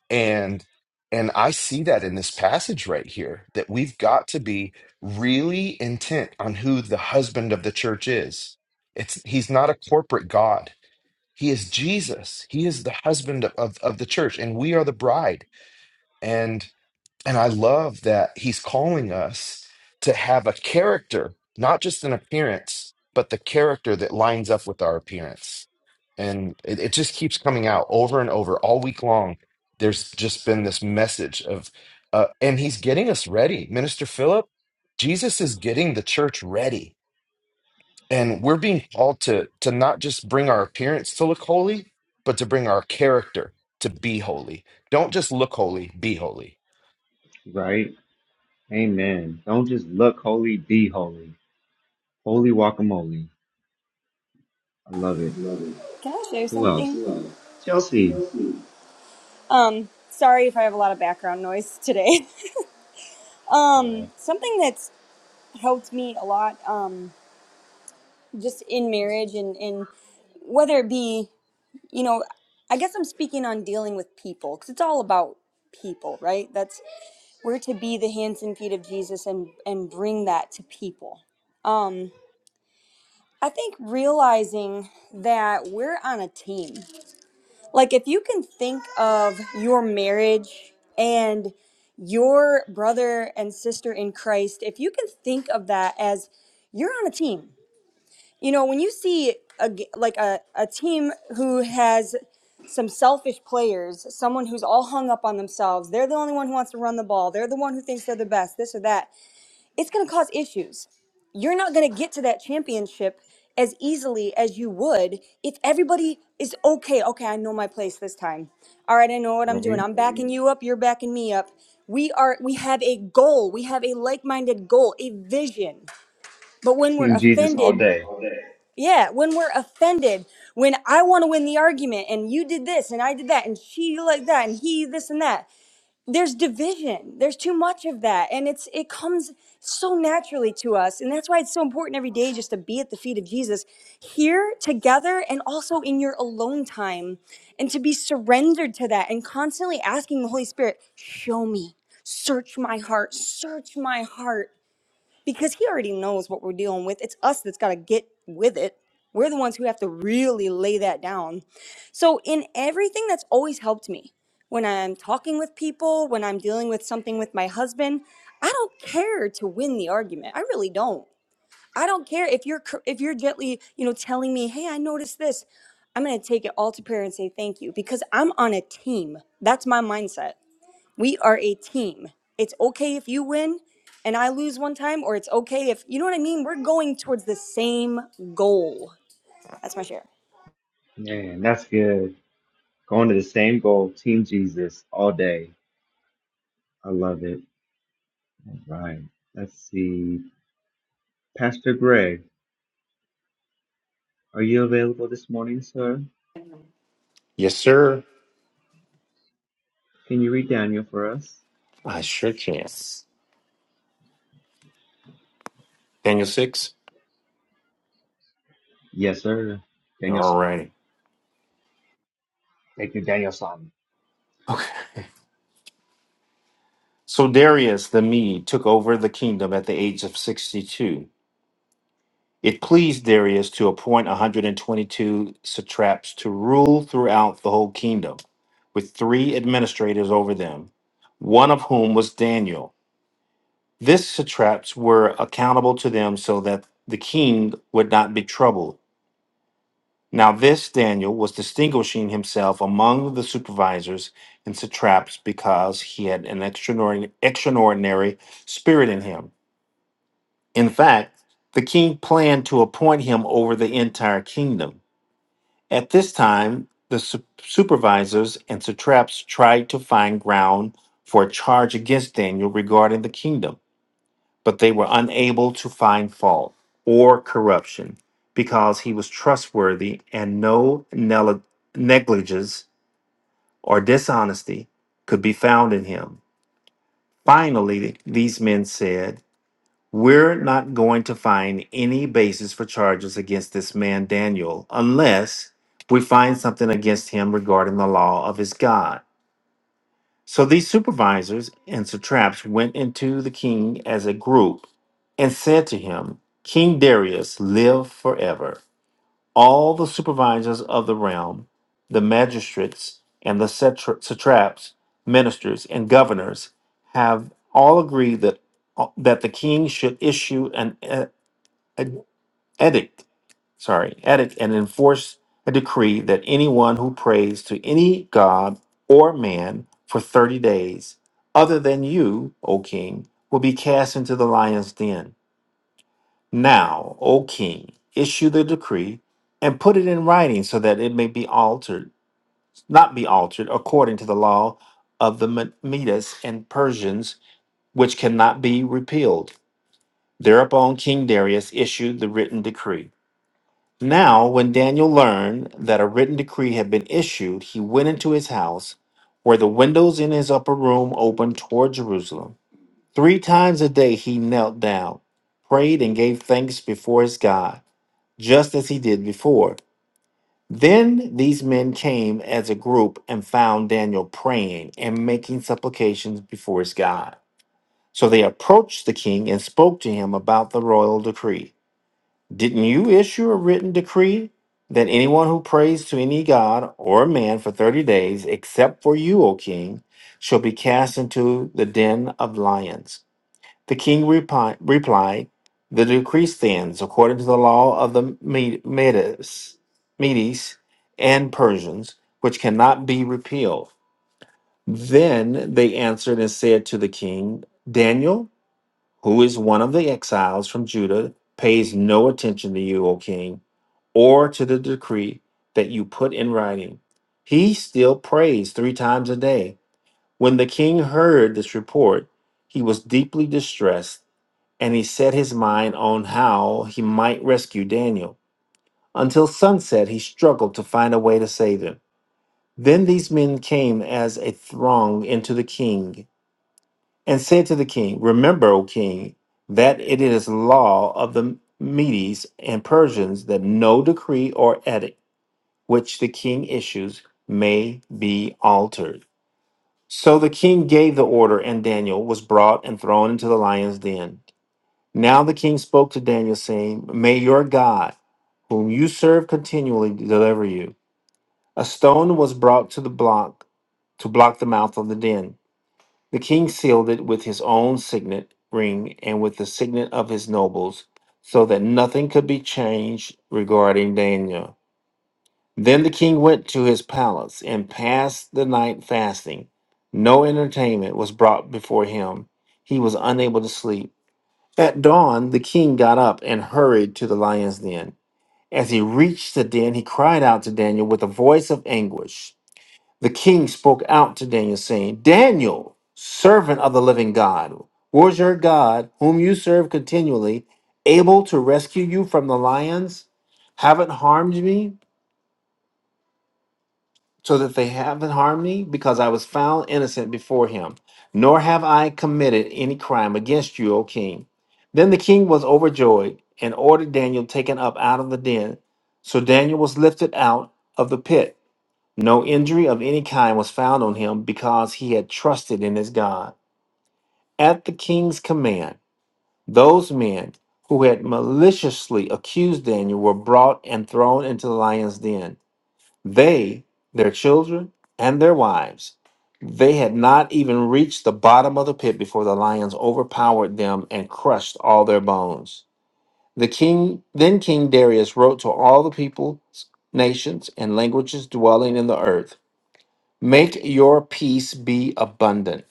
and and i see that in this passage right here that we've got to be really intent on who the husband of the church is it's he's not a corporate god he is Jesus. He is the husband of, of the church, and we are the bride. And and I love that he's calling us to have a character, not just an appearance, but the character that lines up with our appearance. And it, it just keeps coming out over and over all week long. There's just been this message of, uh, and he's getting us ready. Minister Philip, Jesus is getting the church ready and we're being called to to not just bring our appearance to look holy, but to bring our character to be holy. Don't just look holy, be holy.
Right. Amen. Don't just look holy, be holy. Holy guacamole. I love it.
Can I share
Who else?
something?
Chelsea.
Yeah. Um, sorry if I have a lot of background noise today.
That's all
um,
right.
something that's helped me a lot, um, just in marriage and, and whether it be, you know, I guess I'm speaking on dealing with people because it's all about people, right? That's we're to be the hands and feet of Jesus and and bring that to people. Um, I think realizing that we're on a team Like if you can think of your marriage and your brother and sister in Christ, if you can think of that as you're on a team. You know, when you see a g- like a, a team who has some selfish players, someone who's all hung up on themselves, they're the only one who wants to run the ball, they're the one who thinks they're the best, this or that it's going to cause issues. You're not going to get to that championship as easily as you would if everybody is okay. Okay, I know my place this time. All right, I know what I'm doing.
Right.
I'm backing you up, you're backing me up. We are we have a goal. We have a like-minded goal, a vision. But when we're
Team Jesus all
offended,
day.
yeah, when we're offended, when I want to win the argument and you did this and I did that and she like that and he this and that there's division there's too much of that and it's it comes so naturally to us and that's why it's so important every day just to be at the feet of jesus here together and also in your alone time and to be surrendered to that and constantly asking the holy spirit show me search my heart search my heart because he already knows what we're dealing with. It's us that's got to get with it. We're the ones who have to really lay that down. So, in everything that's always helped me, when I'm talking with people, when I'm dealing with something with my husband, I don't care to win the argument. I really don't. I don't care if you're cor- if you're gently, you know, telling me, "Hey, I noticed this." I'm going to take it all to prayer and say thank you because I'm on a team. That's my mindset. We are a team. It's okay if you win and I lose one time, or it's okay if, you know what I mean? We're going towards the same goal. That's my share.
Man, that's good. Going to the same goal, Team Jesus, all day. I love it. All right. Let's see. Pastor Greg, are you available this morning, sir?
Yes, sir.
Can you read Daniel for us?
I sure can. Daniel 6?
Yes, sir. Daniel
All righty.
Son. Thank you, Daniel Son.
Okay. So Darius the Mede took over the kingdom at the age of 62. It pleased Darius to appoint 122 satraps to rule throughout the whole kingdom, with three administrators over them, one of whom was Daniel. These satraps were accountable to them so that the king would not be troubled. Now, this Daniel was distinguishing himself among the supervisors and satraps because he had an extraordinary, extraordinary spirit in him. In fact, the king planned to appoint him over the entire kingdom. At this time, the su- supervisors and satraps tried to find ground for a charge against Daniel regarding the kingdom but they were unable to find fault or corruption because he was trustworthy and no nel- negligence or dishonesty could be found in him. Finally, these men said, We're not going to find any basis for charges against this man Daniel unless we find something against him regarding the law of his God. So these supervisors and satraps went into the king as a group and said to him, King Darius, live forever. All the supervisors of the realm, the magistrates and the satra- satraps, ministers, and governors have all agreed that, uh, that the king should issue an e- an edict sorry, edit and enforce a decree that anyone who prays to any god or man for 30 days, other than you, O king, will be cast into the lion's den. Now, O king, issue the decree and put it in writing so that it may be altered, not be altered according to the law of the Me- Medes and Persians, which cannot be repealed. Thereupon King Darius issued the written decree. Now, when Daniel learned that a written decree had been issued, he went into his house, where the windows in his upper room opened toward Jerusalem. Three times a day he knelt down, prayed, and gave thanks before his God, just as he did before. Then these men came as a group and found Daniel praying and making supplications before his God. So they approached the king and spoke to him about the royal decree. Didn't you issue a written decree that anyone who prays to any god or man for 30 days, except for you, O king, shall be cast into the den of lions? The king repi- replied, The decree stands according to the law of the Me- Medes, Medes and Persians, which cannot be repealed. Then they answered and said to the king, Daniel, who is one of the exiles from Judah, pays no attention to you, O king or to the decree that you put in writing. He still prays three times a day. When the king heard this report, he was deeply distressed, and he set his mind on how he might rescue Daniel. Until sunset, he struggled to find a way to save him. Then these men came as a throng into the king and said to the king, Remember, O king, that it is law of the Medes and Persians that no decree or edict which the king issues may be altered. So the king gave the order, and Daniel was brought and thrown into the lion's den. Now the king spoke to Daniel, saying, May your God, whom you serve continually, deliver you. A stone was brought to the block to block the mouth of the den. The king sealed it with his own signet ring and with the signet of his nobles, so that nothing could be changed regarding Daniel. Then the king went to his palace and passed the night fasting. No entertainment was brought before him. He was unable to sleep. At dawn, the king got up and hurried to the lion's den. As he reached the den, he cried out to Daniel with a voice of anguish. The king spoke out to Daniel, saying, Daniel, servant of the living God, was your God, whom you serve continually, able to rescue you from the lions? Haven't harmed me? so that they haven't harmed me, because I was found innocent before him, nor have I committed any crime against you, O king. Then the king was overjoyed and ordered Daniel taken up out of the den. So Daniel was lifted out of the pit. No injury of any kind was found on him because he had trusted in his God. At the king's command, those men who had maliciously accused Daniel were brought and thrown into the lion's den. They, their children, and their wives. They had not even reached the bottom of the pit before the lions overpowered them and crushed all their bones. The king then King Darius wrote to all the peoples, nations, and languages dwelling in the earth. Make your peace be abundant.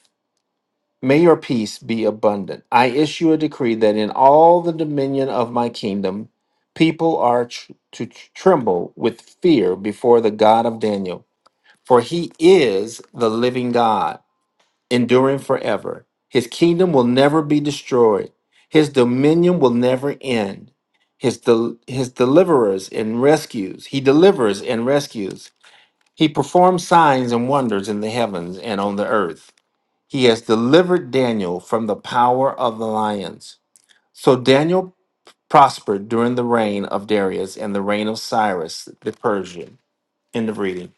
May your peace be abundant. I issue a decree that in all the dominion of my kingdom, people are tr- to tr- tremble with fear before the God of Daniel for he is the living God, enduring forever. His kingdom will never be destroyed, his dominion will never end. His, del- his deliverers and rescues, he delivers and rescues. He performs signs and wonders in the heavens and on the earth. He has delivered Daniel from the power of the lions. So Daniel prospered during the reign of Darius and the reign of Cyrus the Persian. End of reading.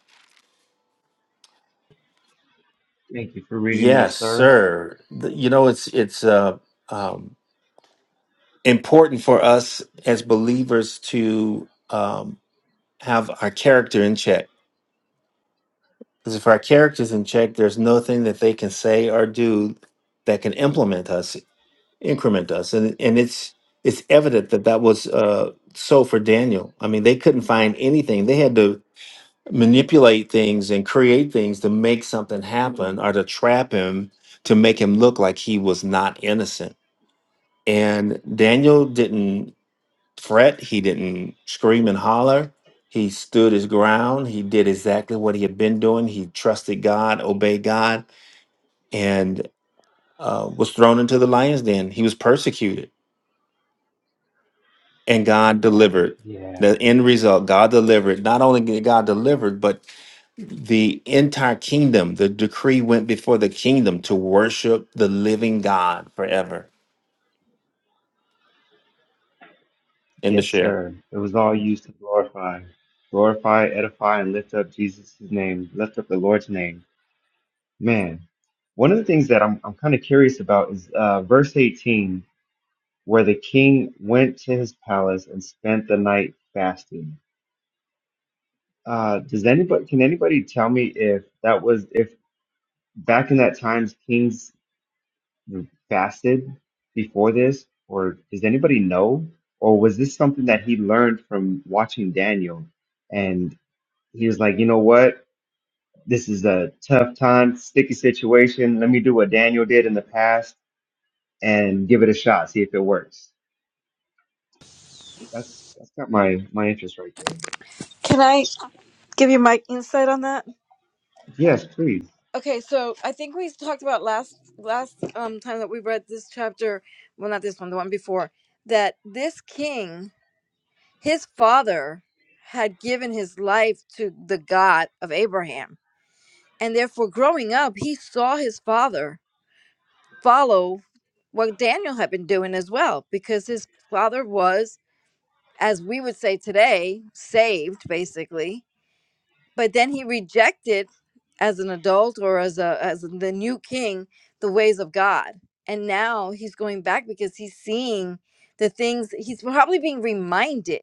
Thank you for reading that,
Yes,
sir.
sir. The- You know, it's it's uh, um, important for us as believers to um, have our character in check. Because if our character's in check, there's nothing that they can say or do that can implement us, increment us, and and it's it's evident that that was uh, so for Daniel. I mean, they couldn't find anything. They had to manipulate things and create things to make something happen or to trap him to make him look like he was not innocent And Daniel didn't fret, he didn't scream and holler. He stood his ground. He did exactly what he had been doing. He trusted God, obeyed God, and uh, was thrown into the lion's den. He was persecuted, and God delivered.
Yeah.
The end result, God delivered. Not only did God deliver, but the entire kingdom, the decree went before the kingdom to worship the living God forever. End of
Yes,
share.
sir. It was all used to glorify. Glorify, edify, and lift up Jesus' name. Lift up the Lord's name. Man, one of the things that I'm, I'm kind of curious about is uh, verse 18. where the king went to his palace and spent the night fasting. Uh, does anybody can anybody tell me if that was if back in that times kings fasted before this, or does anybody know, or was this something that he learned from watching Daniel, and he was like, you know what, this is a tough time, sticky situation. Let me do what Daniel did in the past and give it a shot, see if it works. That's that's got my my interest right there.
Can I give you my insight on that?
Yes, please.
Okay, so I think we talked about last last um time that we read this chapter, well not this one, the one before, that this king, his father had given his life to the God of Abraham. And therefore growing up, he saw his father follow what Daniel had been doing as well, because his father was, as we would say today, saved basically. But then he rejected, as an adult or as a as the new king, the ways of God, and now he's going back because he's seeing the things he's probably being reminded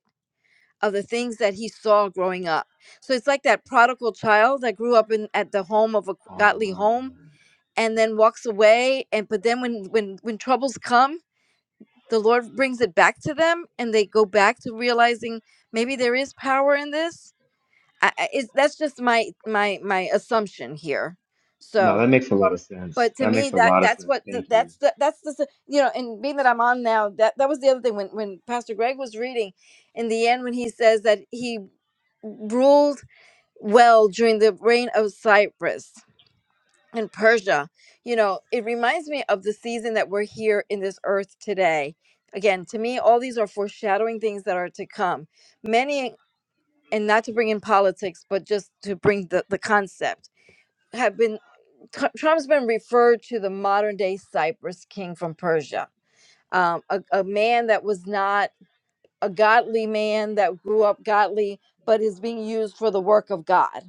of the things that he saw growing up. So it's like that prodigal child that grew up in at the home of a godly home
Um,
and then walks away and but then when when when troubles come the Lord brings it back to them and they go back to realizing maybe there is power in this. I, I- it's, that's just my my my assumption here.
no,
So,
that makes a lot of sense.
but to
That
me
makes a
that
lot of
that's
sense.
what the,
Thank you.
that's the that's the s- you know and being that I'm on now that that was the other thing when when Pastor Greg was reading in the end when he says that he ruled well during the reign of Cyrus in Persia. You know, it reminds me of the season that we're here in this earth today. Again, to me, all these are foreshadowing things that are to come. Many, and not to bring in politics, but just to bring the, the concept, have been, Tr- Trump's been referred to the modern day Cyprus king from Persia. Um, a, a man that was not a godly man that grew up godly, but is being used for the work of God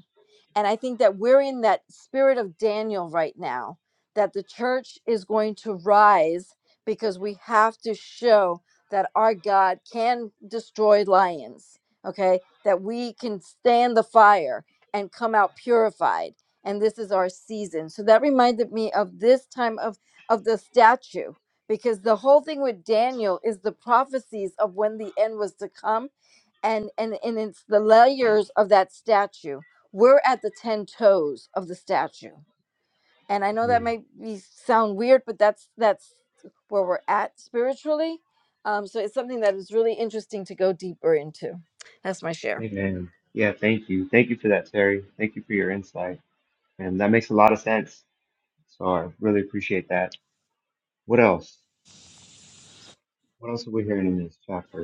and I think that we're in that spirit of Daniel right now, that the church is going to rise because we have to show that our God can destroy lions, okay? That we can stand the fire and come out purified. And this is our season. So that reminded me of this time of, of the statue, because the whole thing with Daniel is the prophecies of when the end was to come. And, and and it's the layers of that statue we're at the 10 toes of the statue. And I know that
Mm.
may be sound weird, but that's that's where we're at spiritually. Um, so it's something that is really interesting to go deeper into. That's my share.
Amen. Yeah, thank you. Thank you for that, Terry. Thank you for your insight. And that makes a lot of sense. So I really appreciate that. What else? What else are we hearing in this chapter?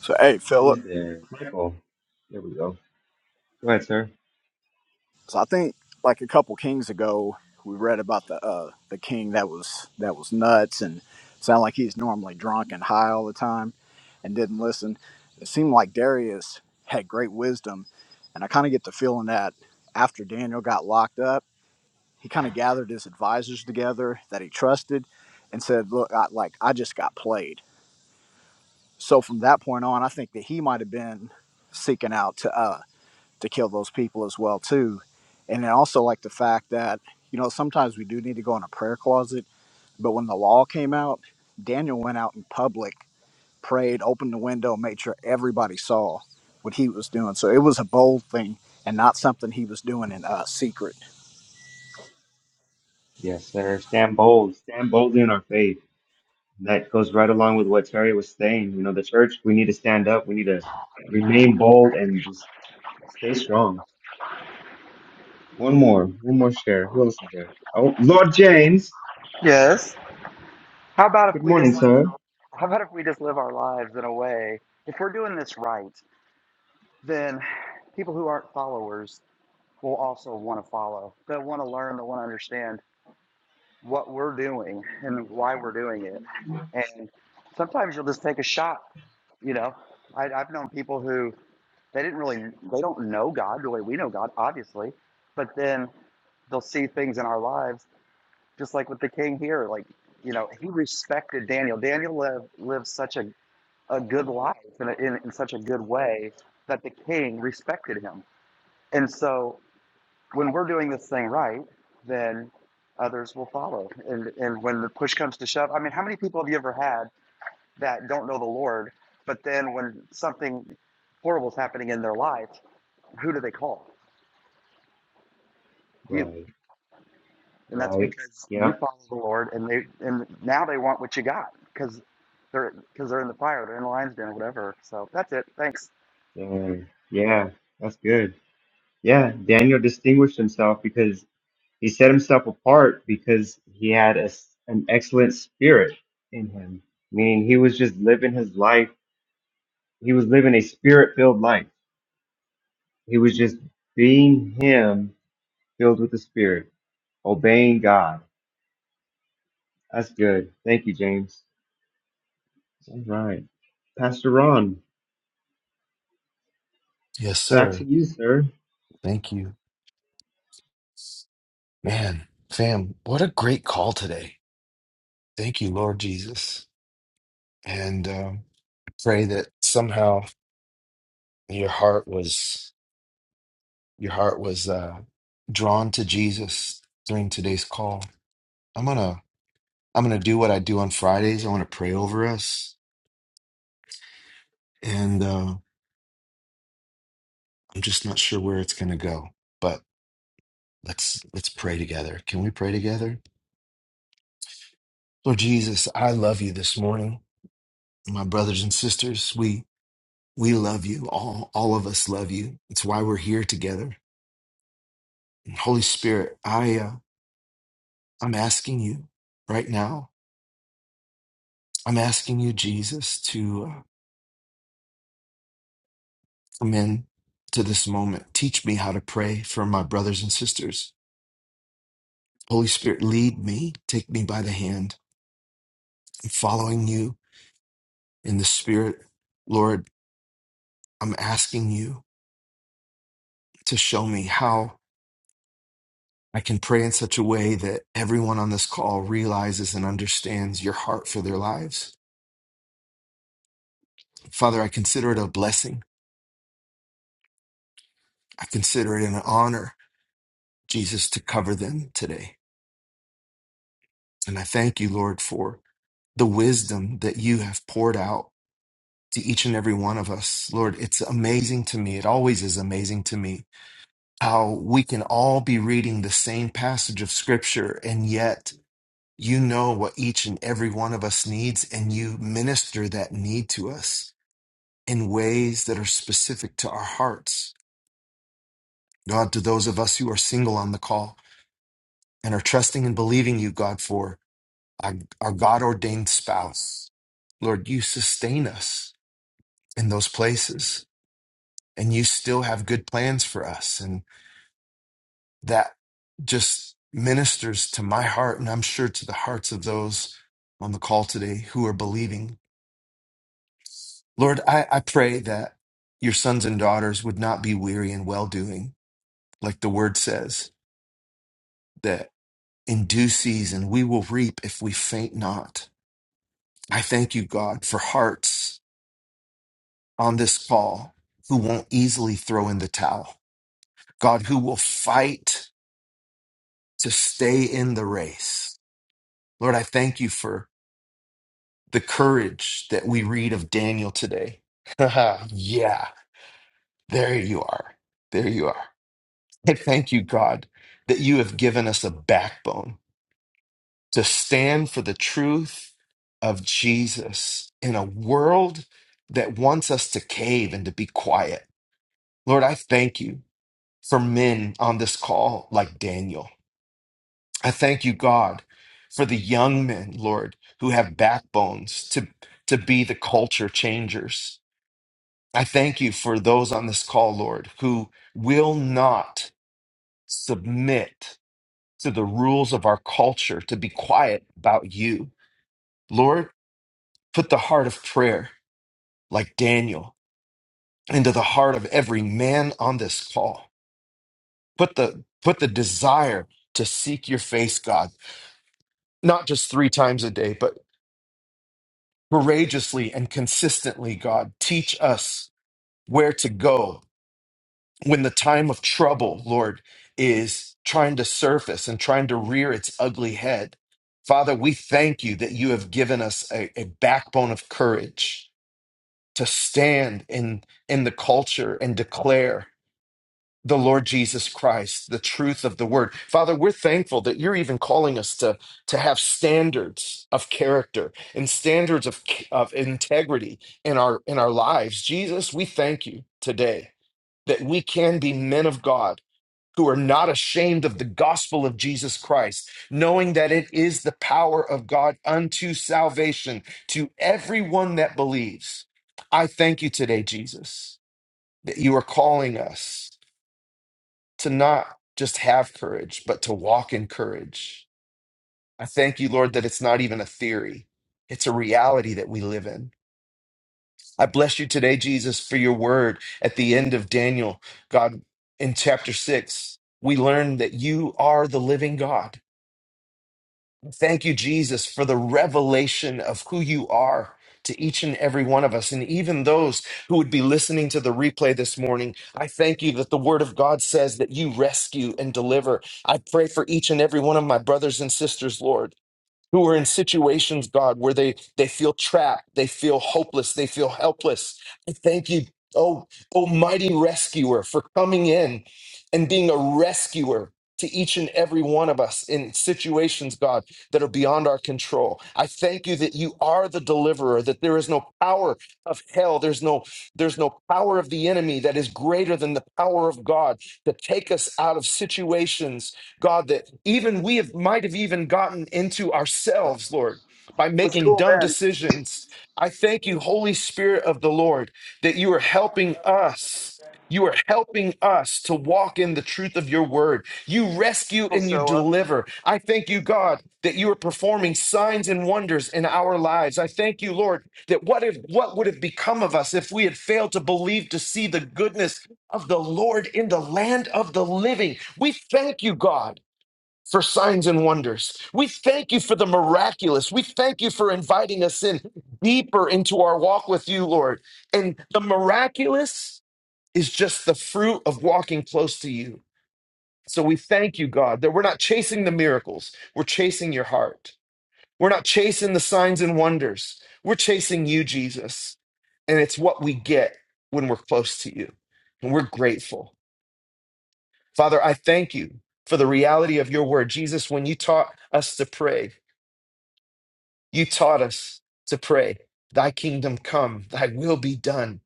So hey,
Uh,
Philip.
who's there? Michael. There we go. Go ahead, sir.
So I think like a couple kings ago, we read about the uh, the king that was that was nuts and sounded like he's normally drunk and high all the time and didn't listen. It seemed like Darius had great wisdom, and I kind of get the feeling that after Daniel got locked up, he kind of gathered his advisors together that he trusted and said, "Look, I, like I just got played." So from that point on, I think that he might have been seeking out to uh, to kill those people as well too, and then also like the fact that you know sometimes we do need to go in a prayer closet. But when the law came out, Daniel went out in public, prayed, opened the window, made sure everybody saw what he was doing. So it was a bold thing and not something he was doing in uh, secret.
Yes, sir. Stand bold. Stand boldly in our faith. That goes right along with what Terry was saying. You know, the church, we need to stand up. We need to remain bold and just stay strong One more, one more share. Who else is there? Oh, Lord James.
Yes. How about if
Good
we
morning,
just live
sir.
our, how about if we just live our lives in a way? If we're doing this right, then people who aren't followers will also want to follow. They'll want to learn, they'll want to understand what we're doing and why we're doing it. And sometimes you'll just take a shot, you know. I, I've known people who they didn't really they don't know God the way we know God, obviously, but then they'll see things in our lives, just like with the king here. Like, you know, he respected Daniel. Daniel lived, lived such a, a good life in, a, in, in such a good way that the king respected him and so when we're doing this thing right, then others will follow. And and when the push comes to shove, I mean, how many people have you ever had that don't know the Lord, but then when something horrible is happening in their life, who do they call? You.
Right,
And that's
right.
because you
Yep.
follow the Lord, and they and now they want what you got because they're because they're in the fire, they're in the lion's den, or whatever. So that's it. Thanks.
Dang. Yeah, that's good. Yeah, Daniel distinguished himself because he set himself apart because he had a s an excellent spirit in him, meaning he was just living his life. He was living a spirit filled life. He was just being him, filled with the spirit, obeying God. That's good. Thank you, James. All right. Pastor Ron.
Yes,
Back to
sir.
you, sir.
Thank you. Man, fam, what a great call today. Thank you, Lord Jesus. And um, pray that somehow your heart was your heart was uh, drawn to Jesus during today's call. I'm gonna I'm gonna do what I do on Fridays. I want to pray over us, and uh, I'm just not sure where it's going to go. But let's let's pray together. Can we pray together? Lord Jesus, I love you this morning. My brothers and sisters, we we love you. All all of us love you. It's why we're here together. And Holy Spirit, I uh, I'm asking you right now. I'm asking you, Jesus, to uh, come in to this moment. Teach me how to pray for my brothers and sisters. Holy Spirit, lead me. Take me by the hand. I'm following you in the Spirit. Lord, I'm asking you to show me how I can pray in such a way that everyone on this call realizes and understands your heart for their lives. Father, I consider it a blessing. I consider it an honor, Jesus, to cover them today. And I thank you, Lord, for the wisdom that you have poured out to each and every one of us. Lord, it's amazing to me. It always is amazing to me how we can all be reading the same passage of scripture and yet You know what each and every one of us needs, and you minister that need to us in ways that are specific to our hearts. God, to those of us who are single on the call and are trusting and believing you, God, for our, our God ordained spouse, Lord, you sustain us in those places and you still have good plans for us. And that just ministers to my heart, and I'm sure to the hearts of those on the call today who are believing Lord, I, I pray that your sons and daughters would not be weary in well doing, like the word says, that in due season we will reap if we faint not. I thank you, God, for hearts on this call who won't easily throw in the towel. God, who will fight to stay in the race. Lord, I thank you for the courage that we read of Daniel today. yeah, there you are. There you are. I thank you, God, that you have given us a backbone to stand for the truth of Jesus in a world that wants us to cave and to be quiet. Lord, I thank you for men on this call like Daniel. I thank you, God, for the young men, Lord, who have backbones to, to be the culture changers. I thank you for those on this call, Lord, who will not submit to the rules of our culture to be quiet about you. Lord, put the heart of prayer, like Daniel, into the heart of every man on this call. Put the put the desire to seek your face, God, not just three times a day, but courageously and consistently, God. Teach us where to go when the time of trouble, Lord, is trying to surface and trying to rear its ugly head. Father, we thank you that you have given us a, a backbone of courage to stand in, in the culture and declare the Lord Jesus Christ, the truth of the word. Father, we're thankful that you're even calling us to, to have standards of character and standards of, of integrity in our in our lives. Jesus, we thank you today that we can be men of God who are not ashamed of the gospel of Jesus Christ, knowing that it is the power of God unto salvation to everyone that believes. I thank you today, Jesus, that you are calling us to not just have courage, but to walk in courage. I thank you, Lord, that it's not even a theory, it's a reality that we live in. I bless you today, Jesus, for your word at the end of Daniel, God, in chapter six. We learn that you are the living God Thank you, Jesus, for the revelation of who you are to each and every one of us, and even those who would be listening to the replay this morning. I thank you that the Word of God says that you rescue and deliver. I pray for each and every one of my brothers and sisters, Lord who are in situations, God, where they they feel trapped, they feel hopeless, they feel helpless. I thank you, oh oh, mighty rescuer, for coming in and being a rescuer to each and every one of us in situations, God, that are beyond our control. I thank you that you are the deliverer, that there is no power of hell, there's no there's no power of the enemy that is greater than the power of God to take us out of situations God, that even we have, might have even gotten into ourselves, Lord, by
It was
making
cool,
dumb
man.
decisions. I thank you, Holy Spirit of the Lord, that you are helping us. You are helping us to walk in the truth of your word. You rescue
People
and you
show up.
deliver. I thank you, God, that you are performing signs and wonders in our lives. I thank you, Lord, that what if what would have become of us if we had failed to believe to see the goodness of the Lord in the land of the living. We thank you, God. For signs and wonders. We thank you for the miraculous. We thank you for inviting us in deeper into our walk with you, Lord. And the miraculous is just the fruit of walking close to you. So we thank you, God, that we're not chasing the miracles, we're chasing your heart. We're not chasing the signs and wonders, we're chasing you, Jesus. And it's what we get when we're close to you. And we're grateful. Father, I thank you for the reality of your word. Jesus, when you taught us to pray, you taught us to pray, Thy kingdom come, Thy will be done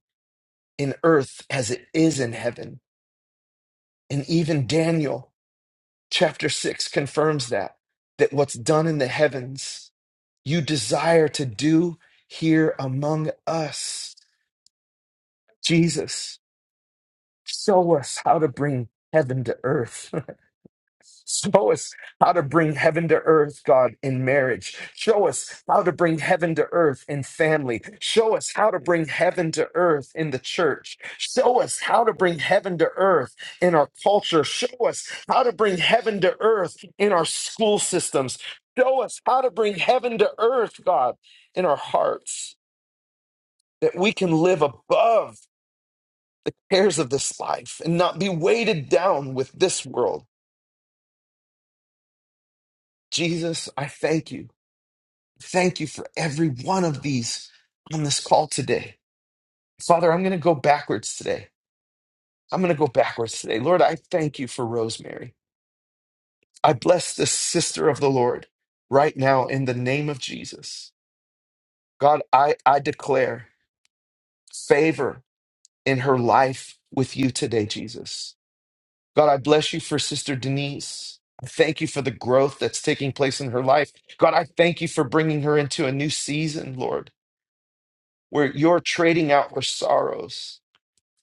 in earth as it is in heaven. And even Daniel chapter 6 confirms that, that what's done in the heavens, you desire to do here among us. Jesus, show us how to bring heaven to earth Show us how to bring heaven to earth, God, in marriage. Show us how to bring heaven to earth in family. Show us how to bring heaven to earth in the church. Show us how to bring heaven to earth in our culture. Show us how to bring heaven to earth in our school systems. Show us how to bring heaven to earth, God, in our hearts, that we can live above cares of this life and not be weighted down with this world. Jesus, I thank you. Thank you for every one of these on this call today. Father, I'm going to go backwards today. I'm going to go backwards today. Lord, I thank you for Rosemary. I bless the sister of the Lord right now in the name of Jesus. God, I, I declare favor in her life with you today, Jesus. God, I bless you for Sister Denise. I thank you for the growth that's taking place in her life. God, I thank you for bringing her into a new season, Lord, where you're trading out her sorrows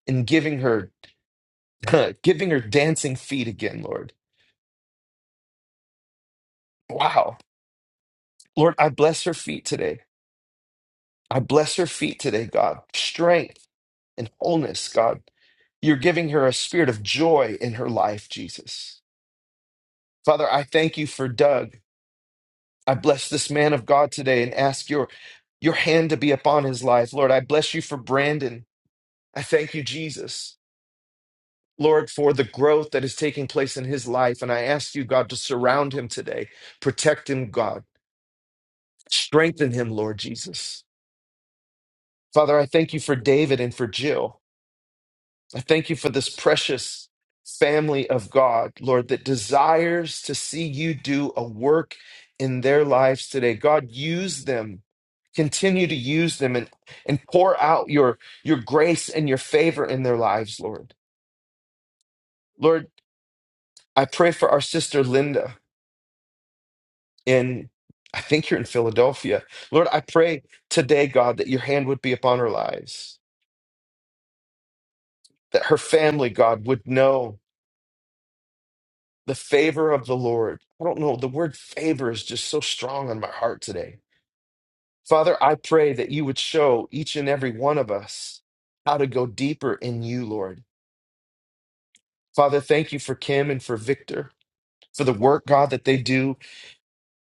and giving her giving her dancing feet again, Lord. Wow. Lord, I bless her feet today. I bless her feet today, God. Strength and wholeness, God. You're giving her a spirit of joy in her life, Jesus. Father, I thank you for Doug. I bless this man of God today and ask your your hand to be upon his life. Lord, I bless you for Brandon. I thank you, Jesus. Lord, for the growth that is taking place in his life. And I ask you, God, to surround him today. Protect him, God. Strengthen him, Lord Jesus. Father, I thank you for David and for Jill. I thank you for this precious family of God, Lord, that desires to see you do a work in their lives today. God, use them. Continue to use them and, and pour out your, your grace and your favor in their lives, Lord. Lord, I pray for our sister Linda in, I think you're in Philadelphia. Lord, I pray today, God, that your hand would be upon our lives. that her family, God, would know the favor of the Lord. I don't know. The word favor is just so strong on my heart today. Father, I pray that you would show each and every one of us how to go deeper in you, Lord. Father, thank you for Kim and for Victor, for the work, God, that they do,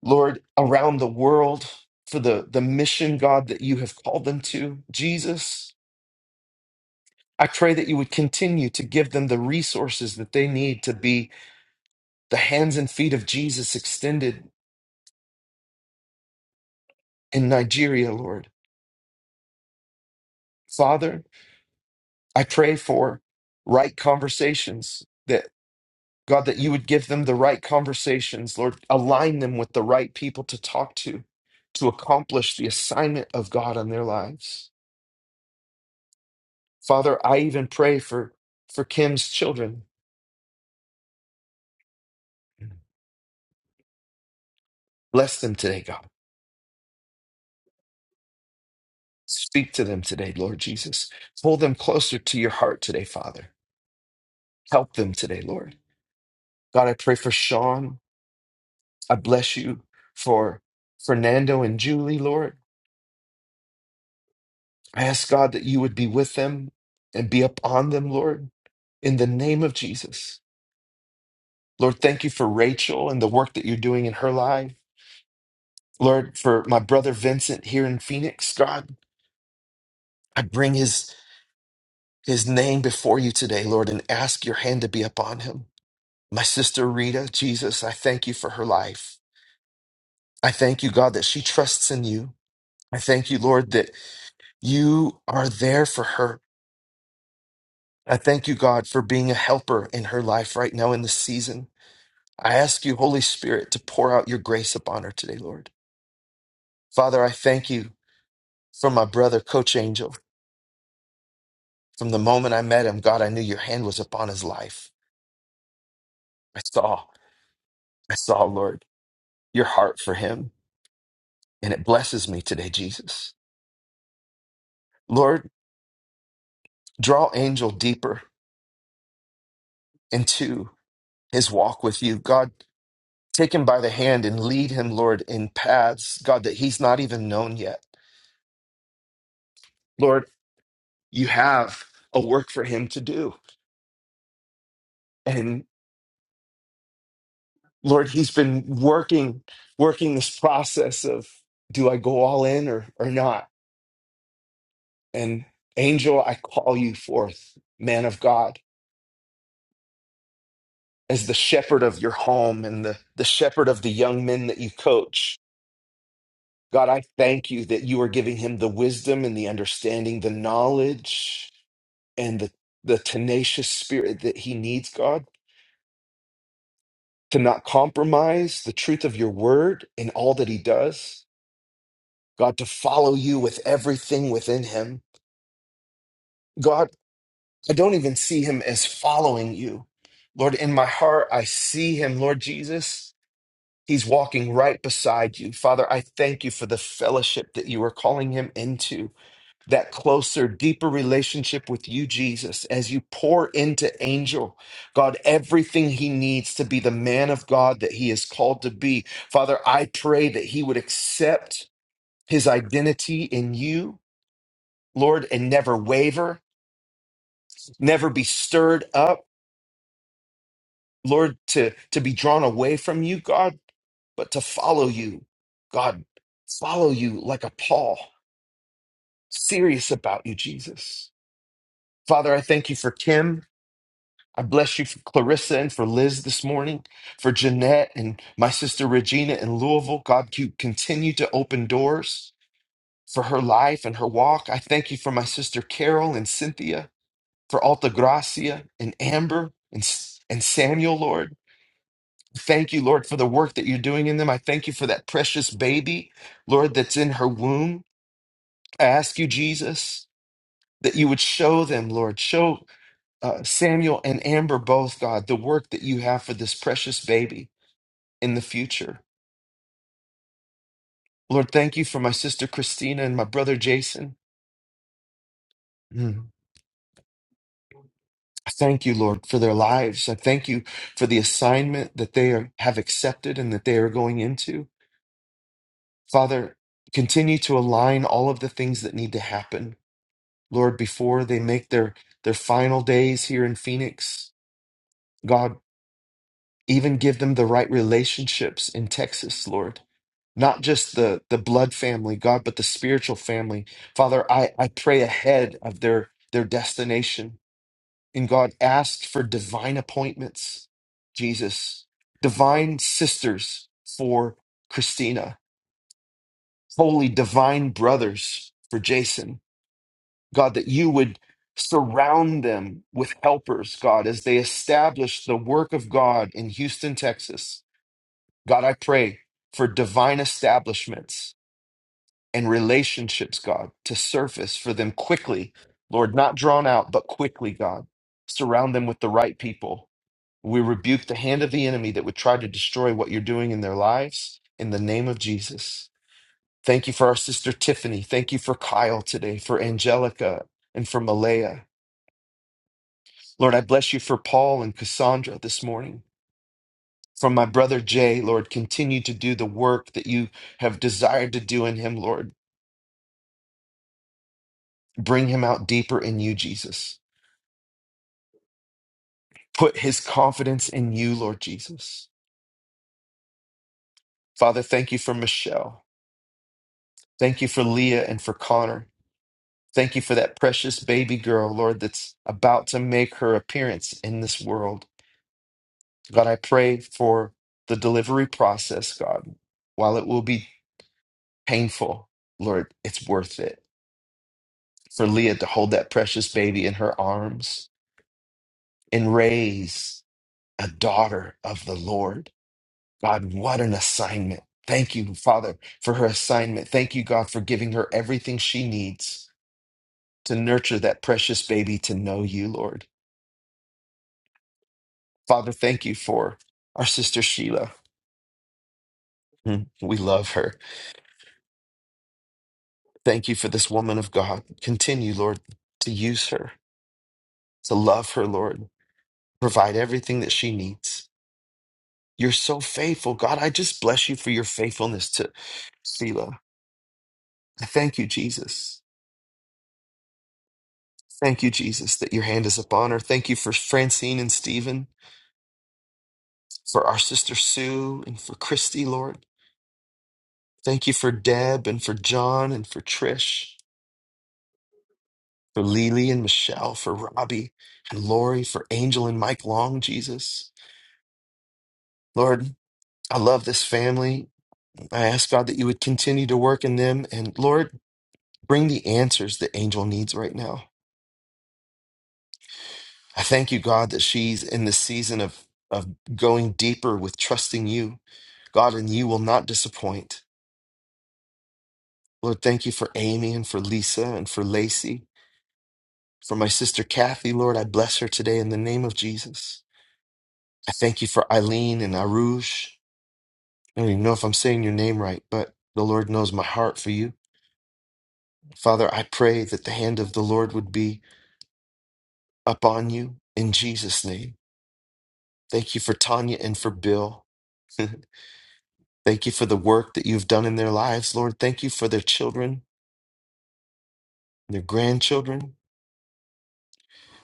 Lord, around the world, for the, the mission, God, that you have called them to. Jesus, I pray that you would continue to give them the resources that they need to be the hands and feet of Jesus extended in Nigeria, Lord. Father, I pray for right conversations that God, that you would give them the right conversations, Lord. Align them with the right people to talk to, to accomplish the assignment of God on their lives. Father, I even pray for, for Kim's children. Bless them today, God. Speak to them today, Lord Jesus. Pull them closer to your heart today, Father. Help them today, Lord. God, I pray for Sean I bless you for Fernando and Julie, Lord. I ask God that you would be with them and be upon them, Lord, in the name of Jesus. Lord, thank you for Rachel and the work that you're doing in her life. Lord, for my brother Vincent here in Phoenix, God, I bring his his name before you today, Lord, and ask your hand to be upon him. My sister Rita, Jesus, I thank you for her life. I thank you, God, that she trusts in you. I thank you, Lord, that you are there for her. I thank you, God, for being a helper in her life right now in this season. I ask you, Holy Spirit, to pour out your grace upon her today, Lord. Father, I thank you for my brother, Coach Angel. From the moment I met him, God, I knew your hand was upon his life. I saw, I saw, Lord, your heart for him, and it blesses me today, Jesus. Lord, draw Angel deeper into his walk with you. God, take him by the hand and lead him, Lord, in paths, God, that he's not even known yet. Lord, you have a work for him to do and lord he's been working working this process of do i go all in or or not and angel i call you forth man of god as the shepherd of your home and the the shepherd of the young men that you coach god i thank you that you are giving him the wisdom and the understanding the knowledge and the the tenacious spirit that he needs god to not compromise the truth of your word in all that he does God, to follow you with everything within him. God, I don't even see him as following you. Lord, in my heart, I see him, Lord Jesus. He's walking right beside you. Father, I thank you for the fellowship that you are calling him into, that closer, deeper relationship with you, Jesus, as you pour into Angel, God, everything he needs to be the man of God that he is called to be. Father, I pray that he would accept his identity in you Lord, and never waver, never be stirred up, Lord, to, to be drawn away from you, God, but to follow you, God, follow you like a Paul, serious about you, Jesus. Father, I thank you for Kim. I bless you for Clarissa and for Liz this morning, for Jeanette and my sister Regina in Louisville. God, you continue to open doors for her life and her walk. I thank you for my sister Carol and Cynthia. for Altagracia and Amber and, S- and Samuel, Lord. Thank you, Lord, for the work that you're doing in them. I thank you for that precious baby, Lord, that's in her womb. I ask you, Jesus, that you would show them, Lord, show uh, Samuel and Amber both, God, the work that you have for this precious baby in the future. Lord, thank you for my sister Christina and my brother Jason. Mm. I Thank you, Lord, for their lives. I thank you for the assignment that they are, have accepted and that they are going into. Father, continue to align all of the things that need to happen, Lord, before they make their, their final days here in Phoenix. God, even give them the right relationships in Texas, Lord. Not just the, the blood family, God, but the spiritual family. Father, I, I pray ahead of their, their destination. And God, ask for divine appointments, Jesus, divine sisters for Christina, holy divine brothers for Jason God, that you would surround them with helpers, God, as they establish the work of God in Houston, Texas. God, I pray for divine establishments and relationships, God, to surface for them quickly. Lord, not drawn out, but quickly, God. Surround them with the right people. We rebuke the hand of the enemy that would try to destroy what you're doing in their lives in the name of Jesus. Thank you for our sister Tiffany. Thank you for Kyle today, for Angelica, and for Malaya. Lord, I bless you for Paul and Cassandra this morning. From my brother Jay, Lord, continue to do the work that you have desired to do in him, Lord. Bring him out deeper in you, Jesus. Put his confidence in you, Lord Jesus. Father, thank you for Michelle. Thank you for Leah and for Connor. Thank you for that precious baby girl, Lord, that's about to make her appearance in this world. God, I pray for the delivery process, God. While it will be painful, Lord, it's worth it. for Leah to hold that precious baby in her arms and raise a daughter of the Lord. God, what an assignment. Thank you, Father, for her assignment. Thank you, God, for giving her everything she needs to nurture that precious baby to know you, Lord. Father, thank you for our sister Sheila. Mm, We love her. Thank you for this woman of God. Continue, Lord, to use her, to love her, Lord. Provide everything that she needs. You're so faithful. God, I just bless you for your faithfulness to Selah. I Thank you, Jesus. Thank you, Jesus, that your hand is upon her. Thank you for Francine and Stephen, for our sister Sue, and for Christy, Lord. Thank you for Deb and for John and for Trish, for Lily and Michelle, for Robbie and Lori, for Angel and Mike Long, Jesus. Lord, I love this family. I ask God that you would continue to work in them. And Lord, bring the answers that Angel needs right now. I thank you, God, that she's in this season of, of going deeper with trusting you. God, and you will not disappoint. Lord, thank you for Amy and for Lisa and for Lacey. For my sister Kathy, Lord, I bless her today in the name of Jesus. I thank you for Eileen and Arush. I don't even know if I'm saying your name right, but the Lord knows my heart for you. Father, I pray that the hand of the Lord would be upon you in Jesus' name. Thank you for Tanya and for Bill. Thank you for the work that you've done in their lives, Lord. Thank you for their children, their grandchildren.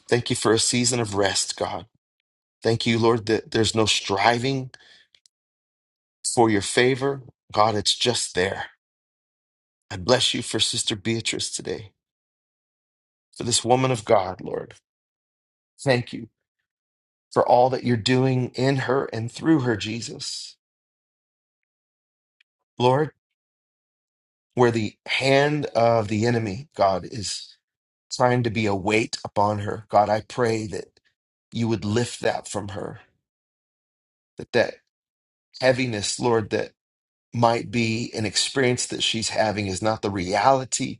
Thank you for a season of rest, God. Thank you, Lord, that there's no striving for your favor. God, it's just there. I bless you for Sister Beatrice today, for this woman of God, Lord. Thank you for all that you're doing in her and through her, Jesus. Lord, where the hand of the enemy, God, is trying to be a weight upon her, God, I pray that you would lift that from her that that heaviness, Lord, that might be an experience that she's having is not the reality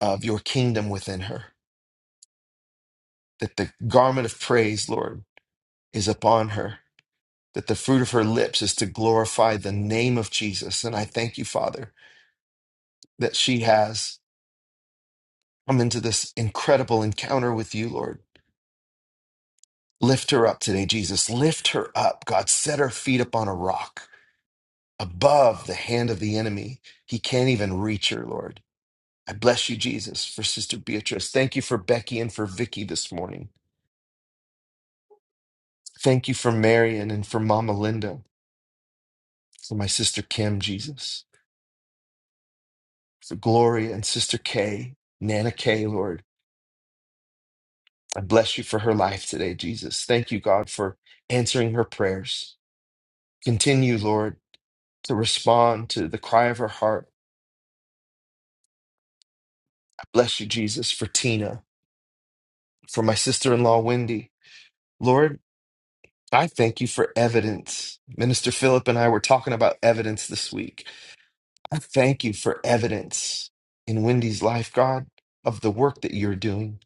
of your kingdom within her. That the garment of praise, Lord, is upon her. That the fruit of her lips is to glorify the name of Jesus. And I thank you, Father, that she has come into this incredible encounter with you, Lord. Lift her up today, Jesus. Lift her up. God, set her feet upon a rock above the hand of the enemy. He can't even reach her, Lord. I bless you, Jesus, for Sister Beatrice. Thank you for Becky and for Vicky this morning. Thank you for Marion and for Mama Linda, for my sister Kim, Jesus, for Gloria and Sister Kay, Nana Kay, Lord. I bless you for her life today, Jesus. Thank you, God, for answering her prayers. Continue, Lord, to respond to the cry of her heart. I bless you, Jesus, for Tina, for my sister in law, Wendy. Lord, I thank you for evidence. Minister Philip and I were talking about evidence this week I thank you for evidence in Wendy's life, God, of the work that you're doing.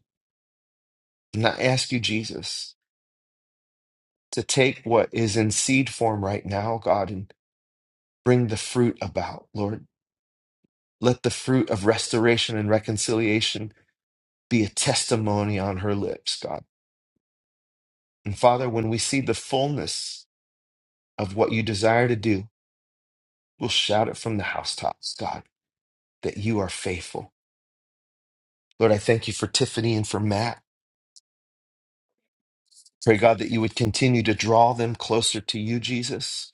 And I ask you, Jesus, to take what is in seed form right now, God, and bring the fruit about, Lord. Let the fruit of restoration and reconciliation be a testimony on her lips, God. And Father, when we see the fullness of what you desire to do, we'll shout it from the housetops, God, that you are faithful. Lord, I thank you for Tiffany and for Matt. Pray, God, that you would continue to draw them closer to you, Jesus.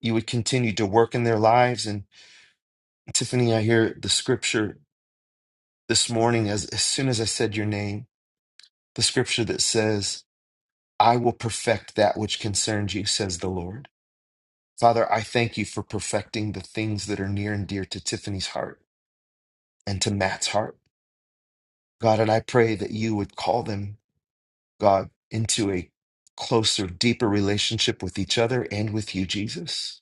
You would continue to work in their lives. And Tiffany, I hear the scripture this morning as, as soon as I said your name, the scripture that says, I will perfect that which concerns you, says the Lord. Father, I thank you for perfecting the things that are near and dear to Tiffany's heart and to Matt's heart. God, and I pray that you would call them, God, into a closer, deeper relationship with each other and with you, Jesus.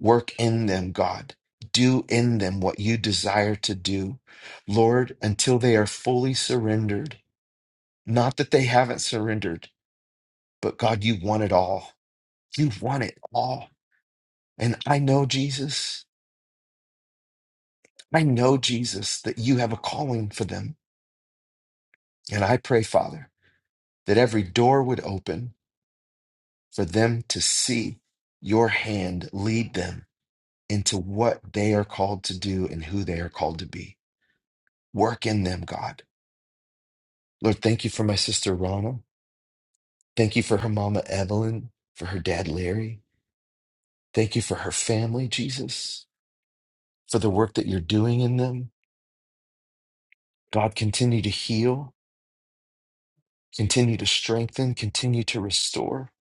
Work in them, God. Do in them what you desire to do, Lord, until they are fully surrendered. Not that they haven't surrendered, but God, you want it all. You want it all. And I know, Jesus, I know, Jesus, that you have a calling for them. And I pray, Father, that every door would open for them to see your hand lead them into what they are called to do and who they are called to be. Work in them, God Lord, thank you for my sister Ronald. Thank you for her mama Evelyn, for her dad Larry. Thank you for her family, Jesus, for the work that you're doing in them. God, continue to heal, continue to strengthen, continue to restore.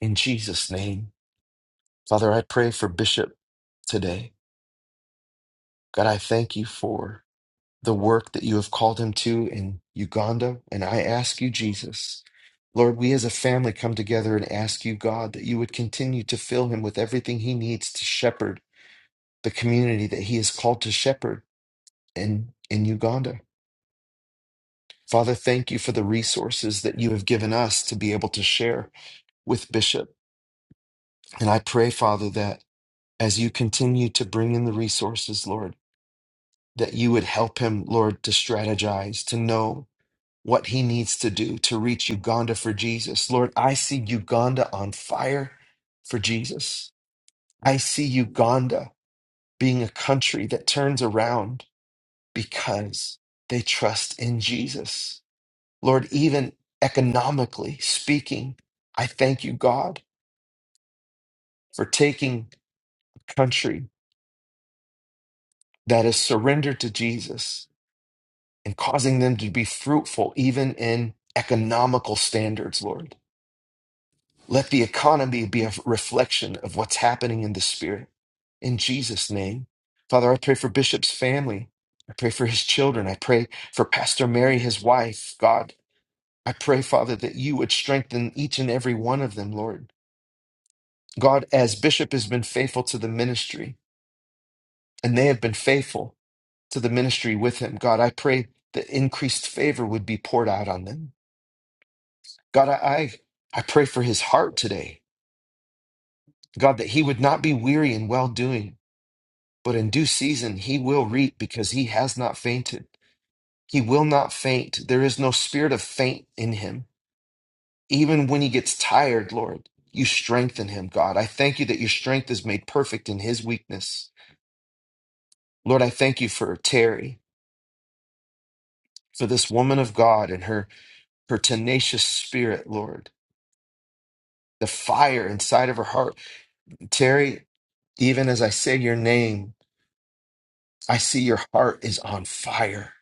In Jesus' name. Father, I pray for Bishop today. God, I thank you for the work that you have called him to in Uganda. And I ask you, Jesus, Lord, we as a family come together and ask you, God, that you would continue to fill him with everything he needs to shepherd the community that he is called to shepherd in, in Uganda. Father, thank you for the resources that you have given us to be able to share with Bishop. And I pray, Father, that as you continue to bring in the resources, Lord, that you would help him, Lord, to strategize, to know what he needs to do to reach Uganda for Jesus. Lord, I see Uganda on fire for Jesus. I see Uganda being a country that turns around because they trust in Jesus. Lord, even economically speaking, I thank you, God, for taking a country that is surrendered to Jesus and causing them to be fruitful, even in economical standards, Lord. Let the economy be a reflection of what's happening in the spirit. In Jesus' name. Father, I pray for Bishop's family. I pray for his children. I pray for Pastor Mary, his wife. God, I pray, Father, that you would strengthen each and every one of them, Lord. God, as Bishop has been faithful to the ministry, and they have been faithful to the ministry with him, God, I pray that increased favor would be poured out on them. God, I, I I pray for his heart today. God, that he would not be weary in well doing. But in due season, he will reap because he has not fainted. He will not faint. There is no spirit of faint in him. Even when he gets tired, Lord, you strengthen him, God. I thank you that your strength is made perfect in his weakness. Lord, I thank you for Terry, for this woman of God and her, her tenacious spirit, Lord, the fire inside of her heart. Terry, even as I say your name, I see your heart is on fire.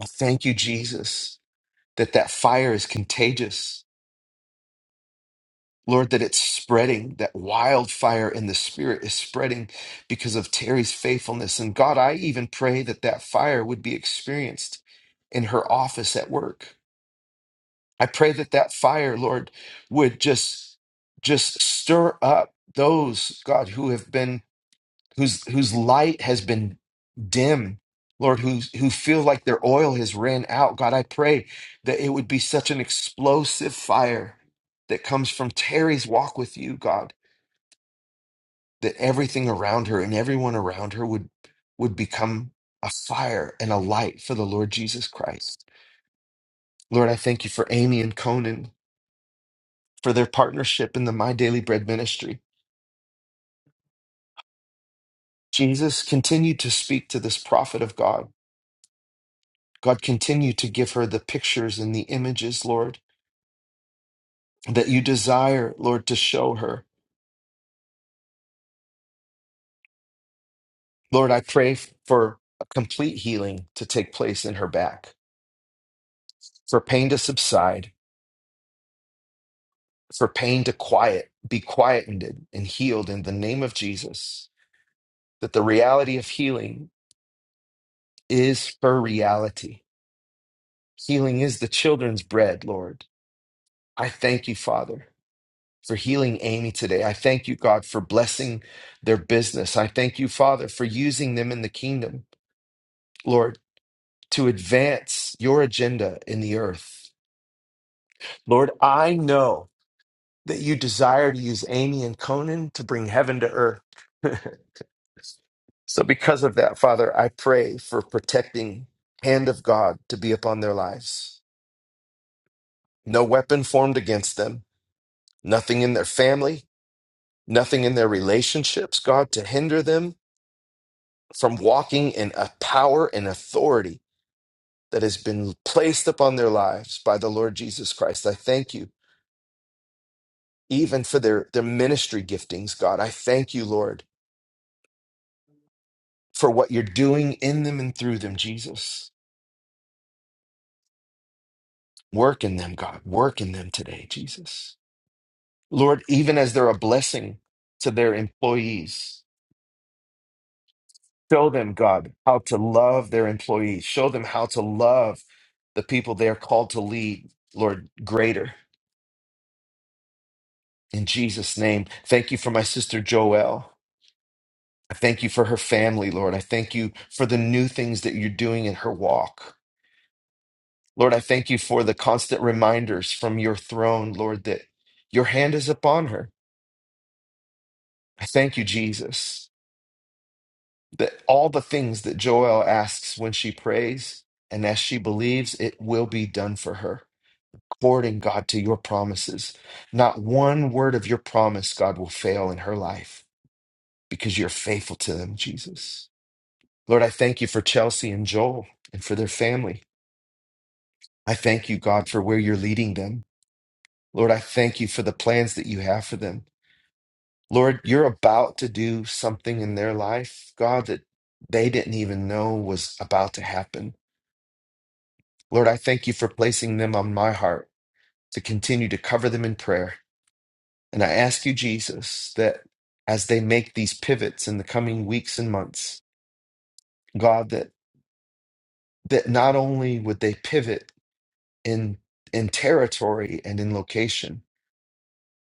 I thank you, Jesus that that fire is contagious. Lord, that it's spreading, that wildfire in the spirit is spreading because of Terry's faithfulness. And God, I even pray that that fire would be experienced in her office at work. I pray that that fire, Lord, would just just stir up those, God, who have been whose whose light has been dim, Lord, who who feel like their oil has ran out. God, I pray that it would be such an explosive fire that comes from Terry's walk with you, God, that everything around her and everyone around her would would become a fire and a light for the Lord Jesus Christ. Lord, I thank you for Amy and Conan for their partnership in the My Daily Bread ministry. Jesus continued to speak to this prophet of God God, continue to give her the pictures and the images, Lord, that you desire, Lord, to show her. Lord, I pray for a complete healing to take place in her back, for pain to subside, for pain to quiet, be quietened and healed in the name of Jesus, that the reality of healing is her reality. Healing is the children's bread, Lord. I thank you, Father. for healing Amy today. I thank you, God, for blessing their business. I thank you, Father, for using them in the kingdom, Lord, to advance your agenda in the earth. Lord, I know that you desire to use Amy and Conan to bring heaven to earth. so, because of that, Father, I pray for protecting hand of God to be upon their lives. No weapon formed against them, nothing in their family, nothing in their relationships, God, to hinder them from walking in a power and authority that has been placed upon their lives by the Lord Jesus Christ. I thank you even for their, their ministry giftings, God. I thank you, Lord, for what you're doing in them and through them, Jesus. Work in them, God. Work in them today, Jesus. Lord, even as they're a blessing to their employees, show them, God, how to love their employees. Show them how to love the people they are called to lead, Lord, greater. In Jesus' name, thank you for my sister Joelle. I thank you for her family, Lord. I thank you for the new things that you're doing in her walk. Lord, I thank you for the constant reminders from your throne, Lord, that your hand is upon her. I thank you, Jesus, that all the things that Joelle asks when she prays and as she believes, it will be done for her, according, God, to your promises. Not one word of your promise, God, will fail in her life because you're faithful to them, Jesus. Lord, I thank you for Chelsea and Joel and for their family. I thank you, God, for where you're leading them. Lord, I thank you for the plans that you have for them. Lord, you're about to do something in their life, God, that they didn't even know was about to happen. Lord, I thank you for placing them on my heart to continue to cover them in prayer. And I ask you, Jesus, that as they make these pivots in the coming weeks and months, God, that, that not only would they pivot, in in territory and in location,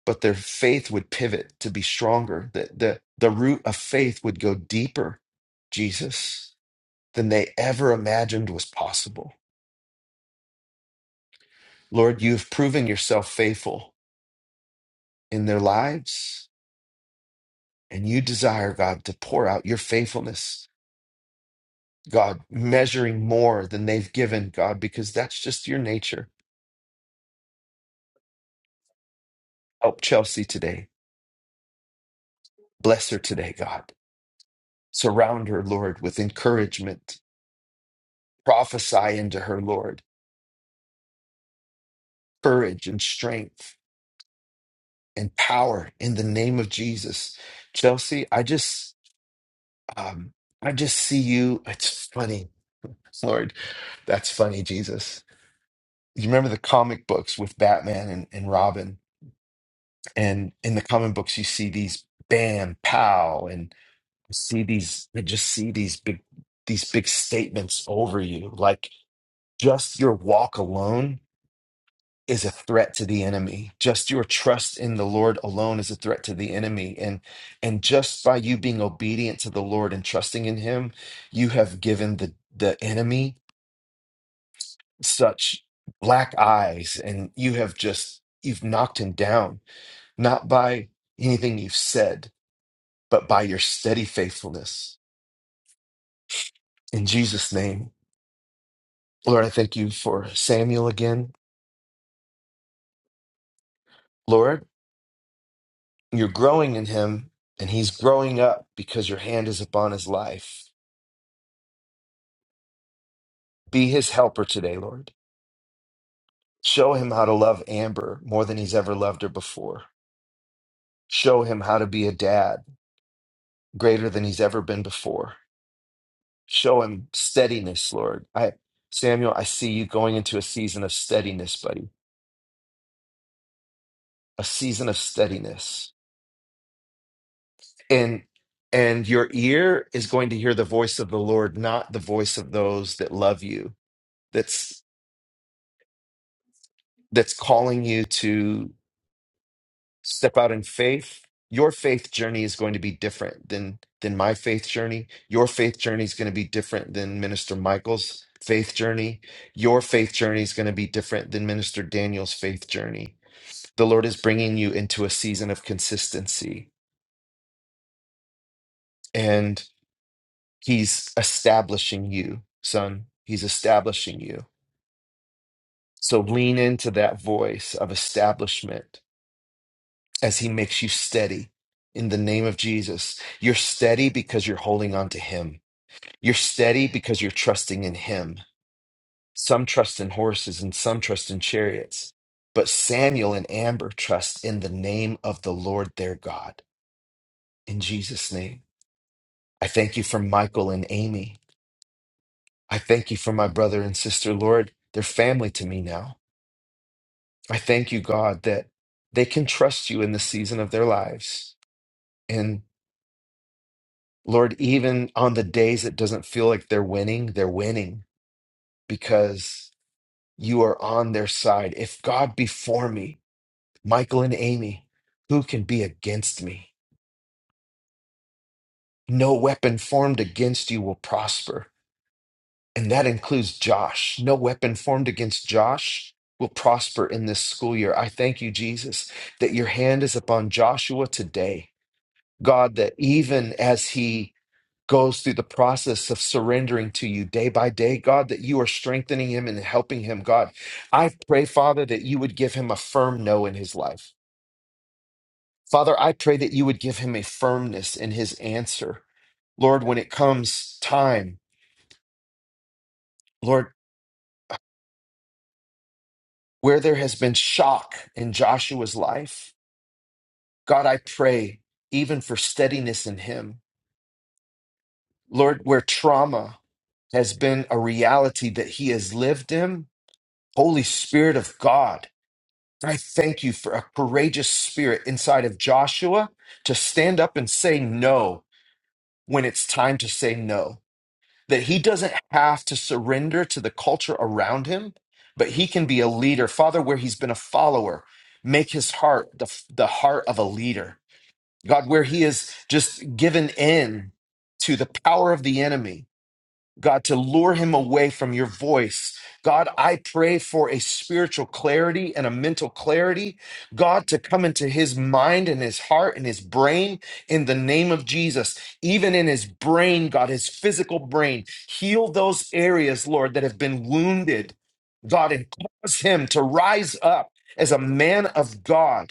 but their faith would pivot to be stronger. The the the root of faith would go deeper, Jesus, than they ever imagined was possible. Lord, you have proven yourself faithful in their lives, and you desire, God, to pour out your faithfulness, God, measuring more than they've given, God, because that's just your nature. Help Chelsea today. Bless her today, God. Surround her, Lord, with encouragement prophesy into her, Lord, courage and strength and power in the name of Jesus. Chelsea, I just, um, I just see you. It's funny, Lord. That's funny, Jesus. You remember the comic books with Batman and, and Robin, and in the comic books you see these bam, pow, and see these. I just see these big, these big statements over you, like just your walk alone is a threat to the enemy. Just your trust in the Lord alone is a threat to the enemy. And and just by you being obedient to the Lord and trusting in him, you have given the the enemy such black eyes and you have just you've knocked him down not by anything you've said, but by your steady faithfulness. In Jesus name. Lord, I thank you for Samuel again. Lord, you're growing in him and he's growing up because your hand is upon his life Be his helper today, Lord. Show him how to love Amber more than he's ever loved her before. Show him how to be a dad greater than he's ever been before. Show him steadiness, Lord. I Samuel, I see you going into a season of steadiness, buddy. A season of steadiness. And and your ear is going to hear the voice of the Lord, not the voice of those that love you. That's that's calling you to. step out in faith your faith journey is going to be different than than my faith journey your faith journey is going to be different than minister michael's faith journey your faith journey is going to be different than minister daniel's faith journey the lord is bringing you into a season of consistency and he's establishing you son he's establishing you so lean into that voice of establishment as he makes you steady in the name of Jesus. You're steady because you're holding on to him. You're steady because you're trusting in him. Some trust in horses and some trust in chariots. But Samuel and Amber trust in the name of the Lord their God. In Jesus' name. I thank you for Michael and Amy. I thank you for my brother and sister, Lord. They're family to me now. I thank you, God, that they can trust you in the season of their lives. and. Lord, even on the days it doesn't feel like they're winning, they're winning because you are on their side. If God be for me, Michael and Amy, who can be against me? No weapon formed against you will prosper. And that includes Josh. No weapon formed against Josh will prosper in this school year. I thank you, Jesus, that your hand is upon Joshua today. God, that even as he goes through the process of surrendering to you day by day, God, that you are strengthening him and helping him, God. I pray, Father, that you would give him a firm no in his life. Father, I pray that you would give him a firmness in his answer. Lord, when it comes time, Lord, where there has been shock in Joshua's life, God, I pray even for steadiness in him. Lord, where trauma has been a reality that he has lived in, Holy Spirit of God, I thank you for a courageous spirit inside of Joshua to stand up and say no when it's time to say no. That he doesn't have to surrender to the culture around him, but he can be a leader. Father, where he's been a follower, make his heart the, the heart of a leader. God, where he is just given in to the power of the enemy God, to lure him away from your voice. God, I pray for a spiritual clarity and a mental clarity. God, to come into his mind and his heart and his brain in the name of Jesus. Even in his brain, God, his physical brain, heal those areas, Lord, that have been wounded. God, and cause him to rise up as a man of God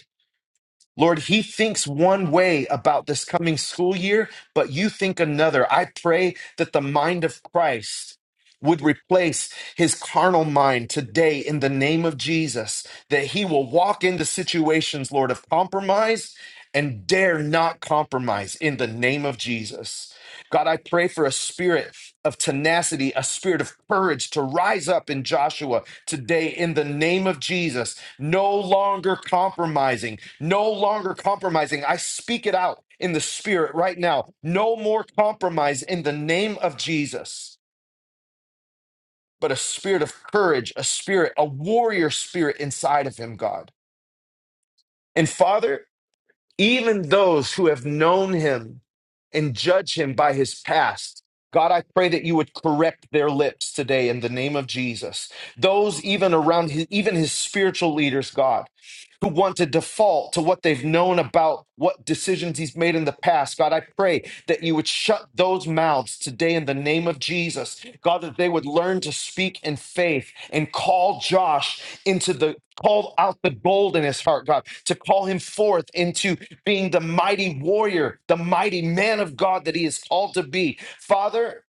Lord, he thinks one way about this coming school year, but you think another. I pray that the mind of Christ would replace his carnal mind today in the name of Jesus, that he will walk into situations, Lord, of compromise and dare not compromise in the name of Jesus. God, I pray for a spirit of tenacity, a spirit of courage to rise up in Joshua today in the name of Jesus, no longer compromising no longer compromising. I speak it out in the spirit right now. No more compromise in the name of Jesus, but a spirit of courage, a spirit, a warrior spirit inside of him, God. And Father, even those who have known him and judge him by his past. God, I pray that you would correct their lips today in the name of Jesus. Those even around his, even his spiritual leaders, God, who want to default to what they've known about what decisions he's made in the past. God, I pray that you would shut those mouths today in the name of Jesus. God, that they would learn to speak in faith and call Josh into the call out the gold in his heart, God, to call him forth into being the mighty warrior, the mighty man of God that he is called to be. Father,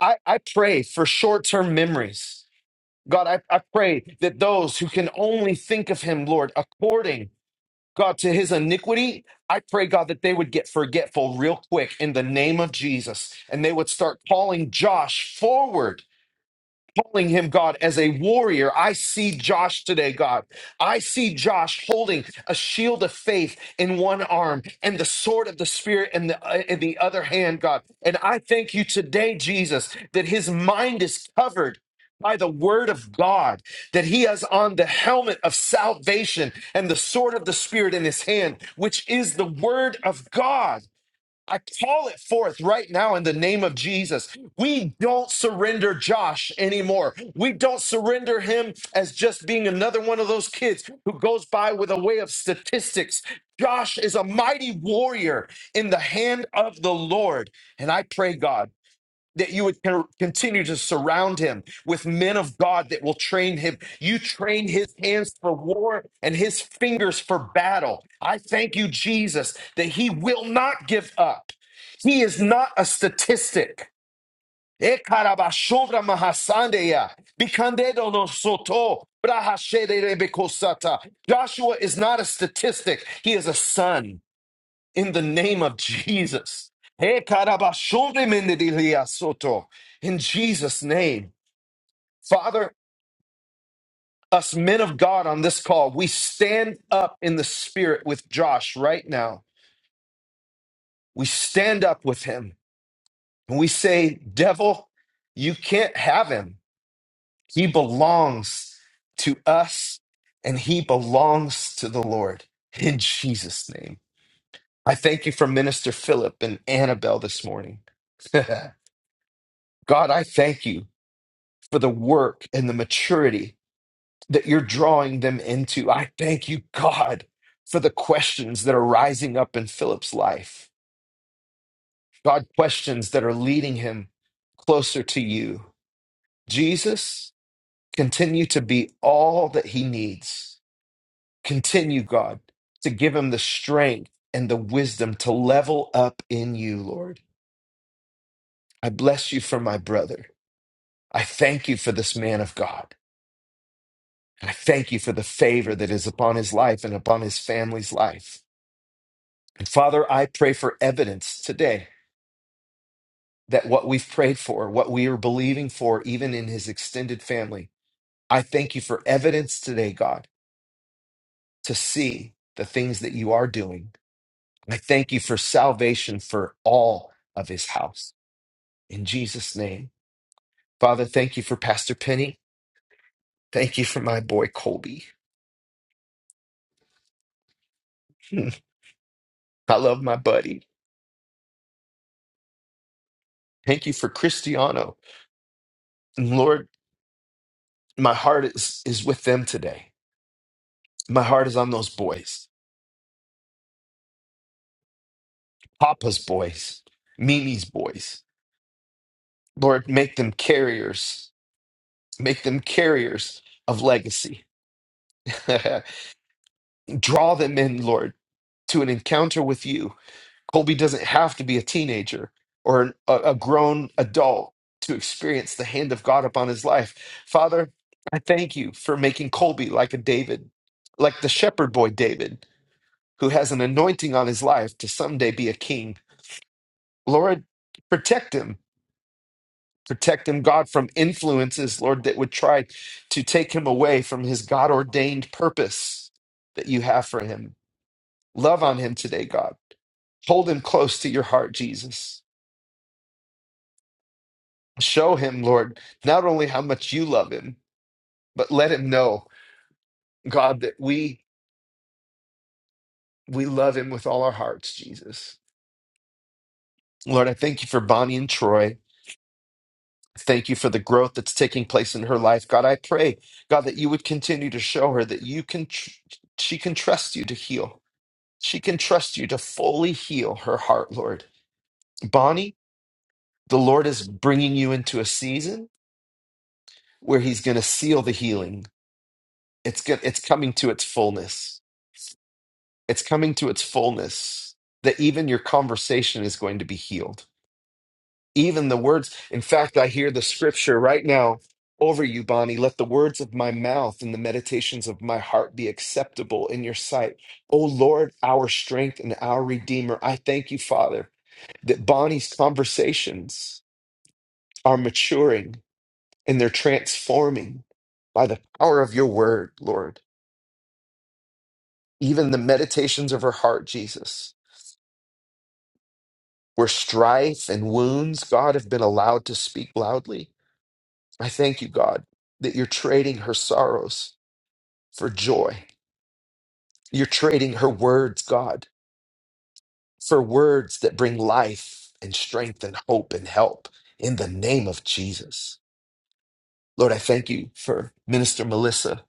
I, I pray for short term memories. God, I, I pray that those who can only think of him, Lord, according, God, to his iniquity, I pray, God, that they would get forgetful real quick in the name of Jesus and they would start calling Josh forward calling him God as a warrior. I see Josh today, God. I see Josh holding a shield of faith in one arm and the sword of the spirit in the uh, in the other hand, God. And I thank you today, Jesus, that his mind is covered by the word of God, that he has on the helmet of salvation and the sword of the spirit in his hand, which is the word of God. I call it forth right now in the name of Jesus. We don't surrender Josh anymore. We don't surrender him as just being another one of those kids who goes by with a way of statistics. Josh is a mighty warrior in the hand of the Lord. And I pray, God that you would con- continue to surround him with men of God that will train him. You train his hands for war and his fingers for battle. I thank you, Jesus, that he will not give up. He is not a statistic. Ekarabashovra mahasandeya, bikandedo no soto, brahashederebekosata. Joshua is not a statistic. He is a son in the name of Jesus. Eh, karabashondemendedilia In Jesus' name. Father, us men of God on this call, we stand up in the spirit with Josh right now. We stand up with him and we say, Devil, you can't have him. He belongs to us and he belongs to the Lord. In Jesus' name. I thank you for Minister Philip and Annabelle this morning. God, I thank you for the work and the maturity that you're drawing them into. I thank you, God, for the questions that are rising up in Philip's life. God, questions that are leading him closer to you. Jesus, continue to be all that he needs. Continue, God, to give him the strength and the wisdom to level up in you, Lord. I bless you for my brother. I thank you for this man of God. And I thank you for the favor that is upon his life and upon his family's life. And Father, I pray for evidence today that what we've prayed for, what we are believing for, even in his extended family, I thank you for evidence today, God, to see the things that you are doing. And I thank you for salvation for all of his house. In Jesus' name. Father, thank you for Pastor Penny. Thank you for my boy, Colby. I love my buddy. Thank you for Cristiano. And Lord. My heart is, is with them today. My heart is on those boys, Papa's boys, Mimi's boys. Lord, make them carriers. Make them carriers of legacy. Draw them in, Lord, to an encounter with you. Colby doesn't have to be a teenager or an, a, a grown adult to experience the hand of God upon his life. Father, I thank you for making Colby like a David, like the shepherd boy David, who has an anointing on his life to someday be a king Lord, protect him. Protect him, God, from influences, Lord, that would try to take him away from his God ordained purpose that you have for him. Love on him today, God. Hold him close to your heart, Jesus. Show him, Lord, not only how much you love him, but let him know, God, that we we love him with all our hearts, Jesus. Lord, I thank you for Bonnie and Troy. Thank you for the growth that's taking place in her life. God, I pray, God, that you would continue to show her that you can tr- she can trust you to heal. She can trust you to fully heal her heart, Lord. Bonnie, the Lord is bringing you into a season where he's going to seal the healing. It's go- it's coming to its fullness. It's coming to its fullness that even your conversation is going to be healed Even the words, in fact, I hear the scripture right now over you, Bonnie. Let the words of my mouth and the meditations of my heart be acceptable in your sight. O Lord, our strength and our Redeemer, I thank you, Father, that Bonnie's conversations are maturing and they're transforming by the power of your word, Lord. Even the meditations of her heart, Jesus, where strife and wounds, God, have been allowed to speak loudly. I thank you, God, that you're trading her sorrows for joy. You're trading her words, God, for words that bring life and strength and hope and help in the name of Jesus. Lord, I thank you for Minister Melissa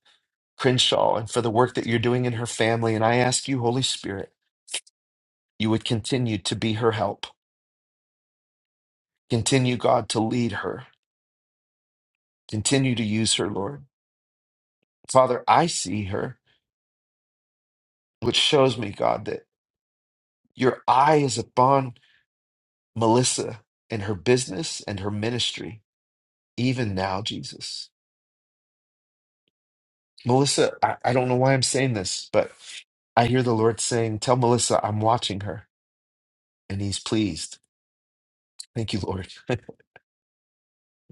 Crenshaw and for the work that you're doing in her family. And I ask you, Holy Spirit, you would continue to be her help. Continue, God, to lead her. Continue to use her, Lord. Father, I see her, which shows me, God, that your eye is upon Melissa and her business and her ministry, even now, Jesus. Melissa, I, I don't know why I'm saying this, but I hear the Lord saying, Tell Melissa I'm watching her, and he's pleased. Thank you, Lord.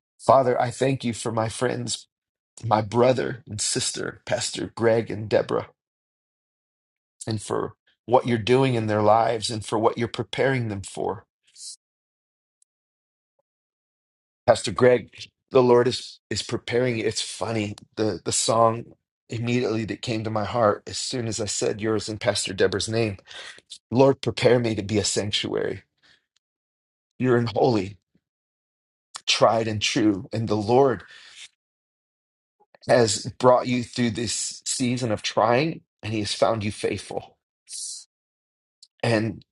Father, I thank you for my friends, my brother and sister, Pastor Greg and Deborah, and for what you're doing in their lives and for what you're preparing them for. Pastor Greg, the Lord is is preparing you. It's funny. The the song immediately that came to my heart as soon as I said yours and Pastor Deborah's name. Lord, prepare me to be a sanctuary. You're in holy, tried and true. And the Lord has brought you through this season of trying and he has found you faithful. and.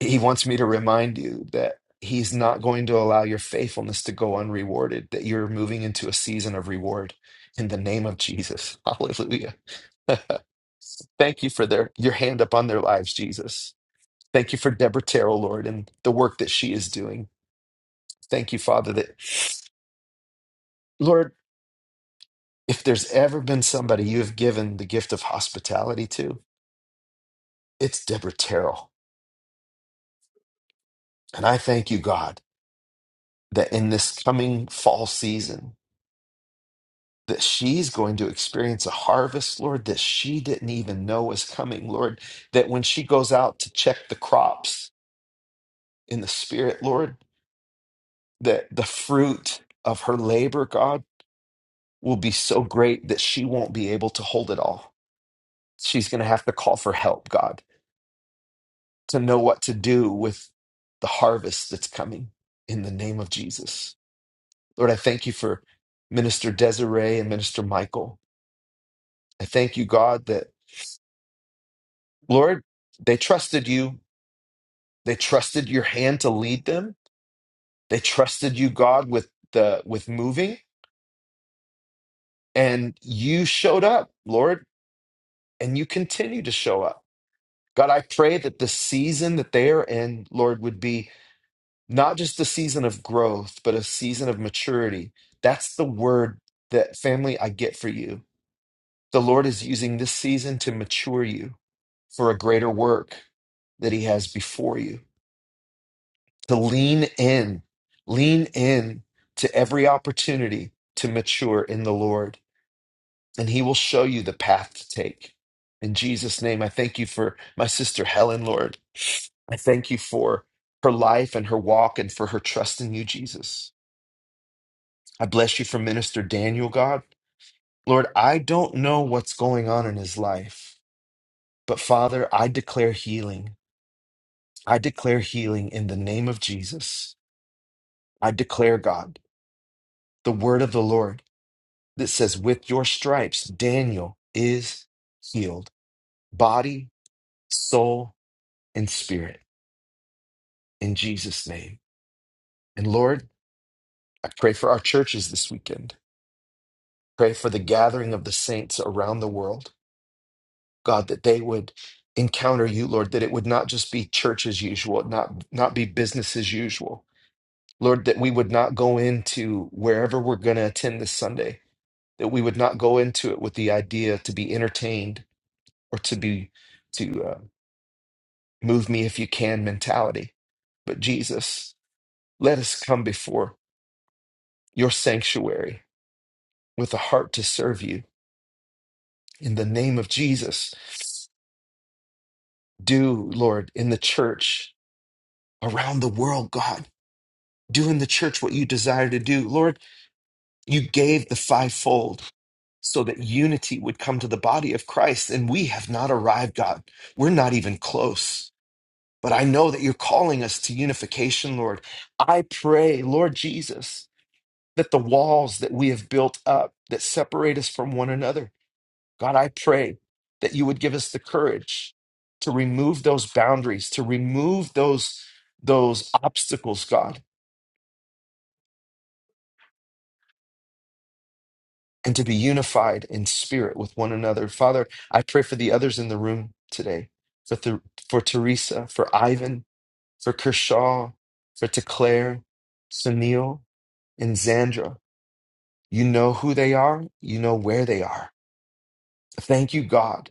He wants me to remind you that he's not going to allow your faithfulness to go unrewarded, that you're moving into a season of reward in the name of Jesus. Hallelujah. Thank you for their your hand upon their lives, Jesus. Thank you for Deborah Terrell, Lord, and the work that she is doing. Thank you, Father, that Lord, if there's ever been somebody you have given the gift of hospitality to, it's Deborah Terrell. And I thank you, God, that in this coming fall season, that she's going to experience a harvest, Lord, that she didn't even know was coming, Lord, that when she goes out to check the crops in the spirit, Lord, that the fruit of her labor, God, will be so great that she won't be able to hold it all. She's going to have to call for help, God, to know what to do with the harvest that's coming in the name of Jesus. Lord, I thank you for Minister Desiree and Minister Michael. I thank you, God, that, Lord, they trusted you They trusted your hand to lead them. They trusted you, God, with the with moving, and you showed up, Lord, and you continue to show up. God, I pray that the season that they are in, Lord, would be not just a season of growth, but a season of maturity. That's the word that family I get for you. The Lord is using this season to mature you for a greater work that He has before you. to lean in, lean in to every opportunity to mature in the Lord, and He will show you the path to take. In Jesus' name, I thank you for my sister Helen, Lord. I thank you for her life and her walk and for her trust in you, Jesus. I bless you for Minister Daniel, God. Lord, I don't know what's going on in his life, but Father, I declare healing. I declare healing in the name of Jesus. I declare, God, the word of the Lord. that says, With your stripes, Daniel is healed, body, soul, and spirit, in Jesus' name. And Lord, I pray for our churches this weekend. Pray for the gathering of the saints around the world, God, that they would encounter you, Lord, that it would not just be church as usual, not, not be business as usual. Lord, that we would not go into wherever we're going to attend this Sunday, that we would not go into it with the idea to be entertained or to be to uh, move me if you can mentality. But Jesus, let us come before your sanctuary with a heart to serve you. In the name of Jesus, do, Lord, in the church around the world, God, do in the church what you desire to do. Lord, you gave the fivefold so that unity would come to the body of Christ. And we have not arrived, God. We're not even close. But I know that you're calling us to unification, Lord. I pray, Lord Jesus. that the walls that we have built up that separate us from one another, God, I pray that you would give us the courage to remove those boundaries, to remove those, those obstacles, God, and to be unified in spirit with one another. Father, I pray for the others in the room today, for, Th- for Teresa, for Ivan, for Kershaw, for Teclaire, Sunil, and Zandra. You know who they are, you know where they are. Thank you, God,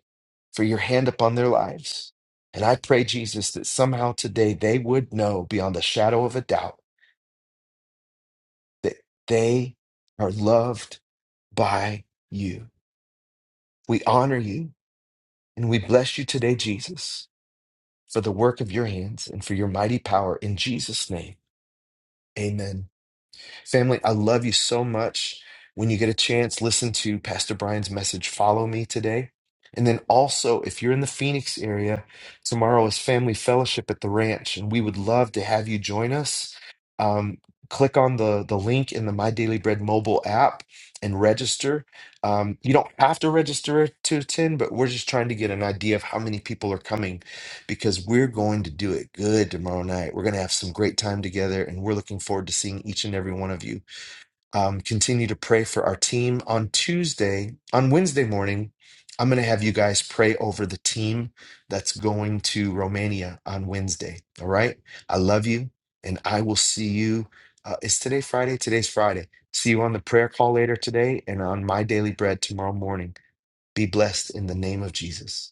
for your hand upon their lives. And I pray, Jesus, that somehow today they would know beyond a shadow of a doubt that they are loved by you. We honor you and we bless you today, Jesus, for the work of your hands and for your mighty power. In Jesus' name, amen. Family, I love you so much. When you get a chance, listen to Pastor Brian's message, Follow Me today. And then also, if you're in the Phoenix area, tomorrow is Family Fellowship at the Ranch, and we would love to have you join us. Um, click on the, the link in the My Daily Bread mobile app and register. Um, you don't have to register to attend, but we're just trying to get an idea of how many people are coming because we're going to do it good tomorrow night. We're going to have some great time together, and we're looking forward to seeing each and every one of you. Um, continue to pray for our team on Tuesday, on Wednesday morning. I'm going to have you guys pray over the team that's going to Romania on Wednesday. All right. I love you, and I will see you. Uh, is today Friday? Today's Friday. See you on the prayer call later today and on my daily bread tomorrow morning. Be blessed in the name of Jesus.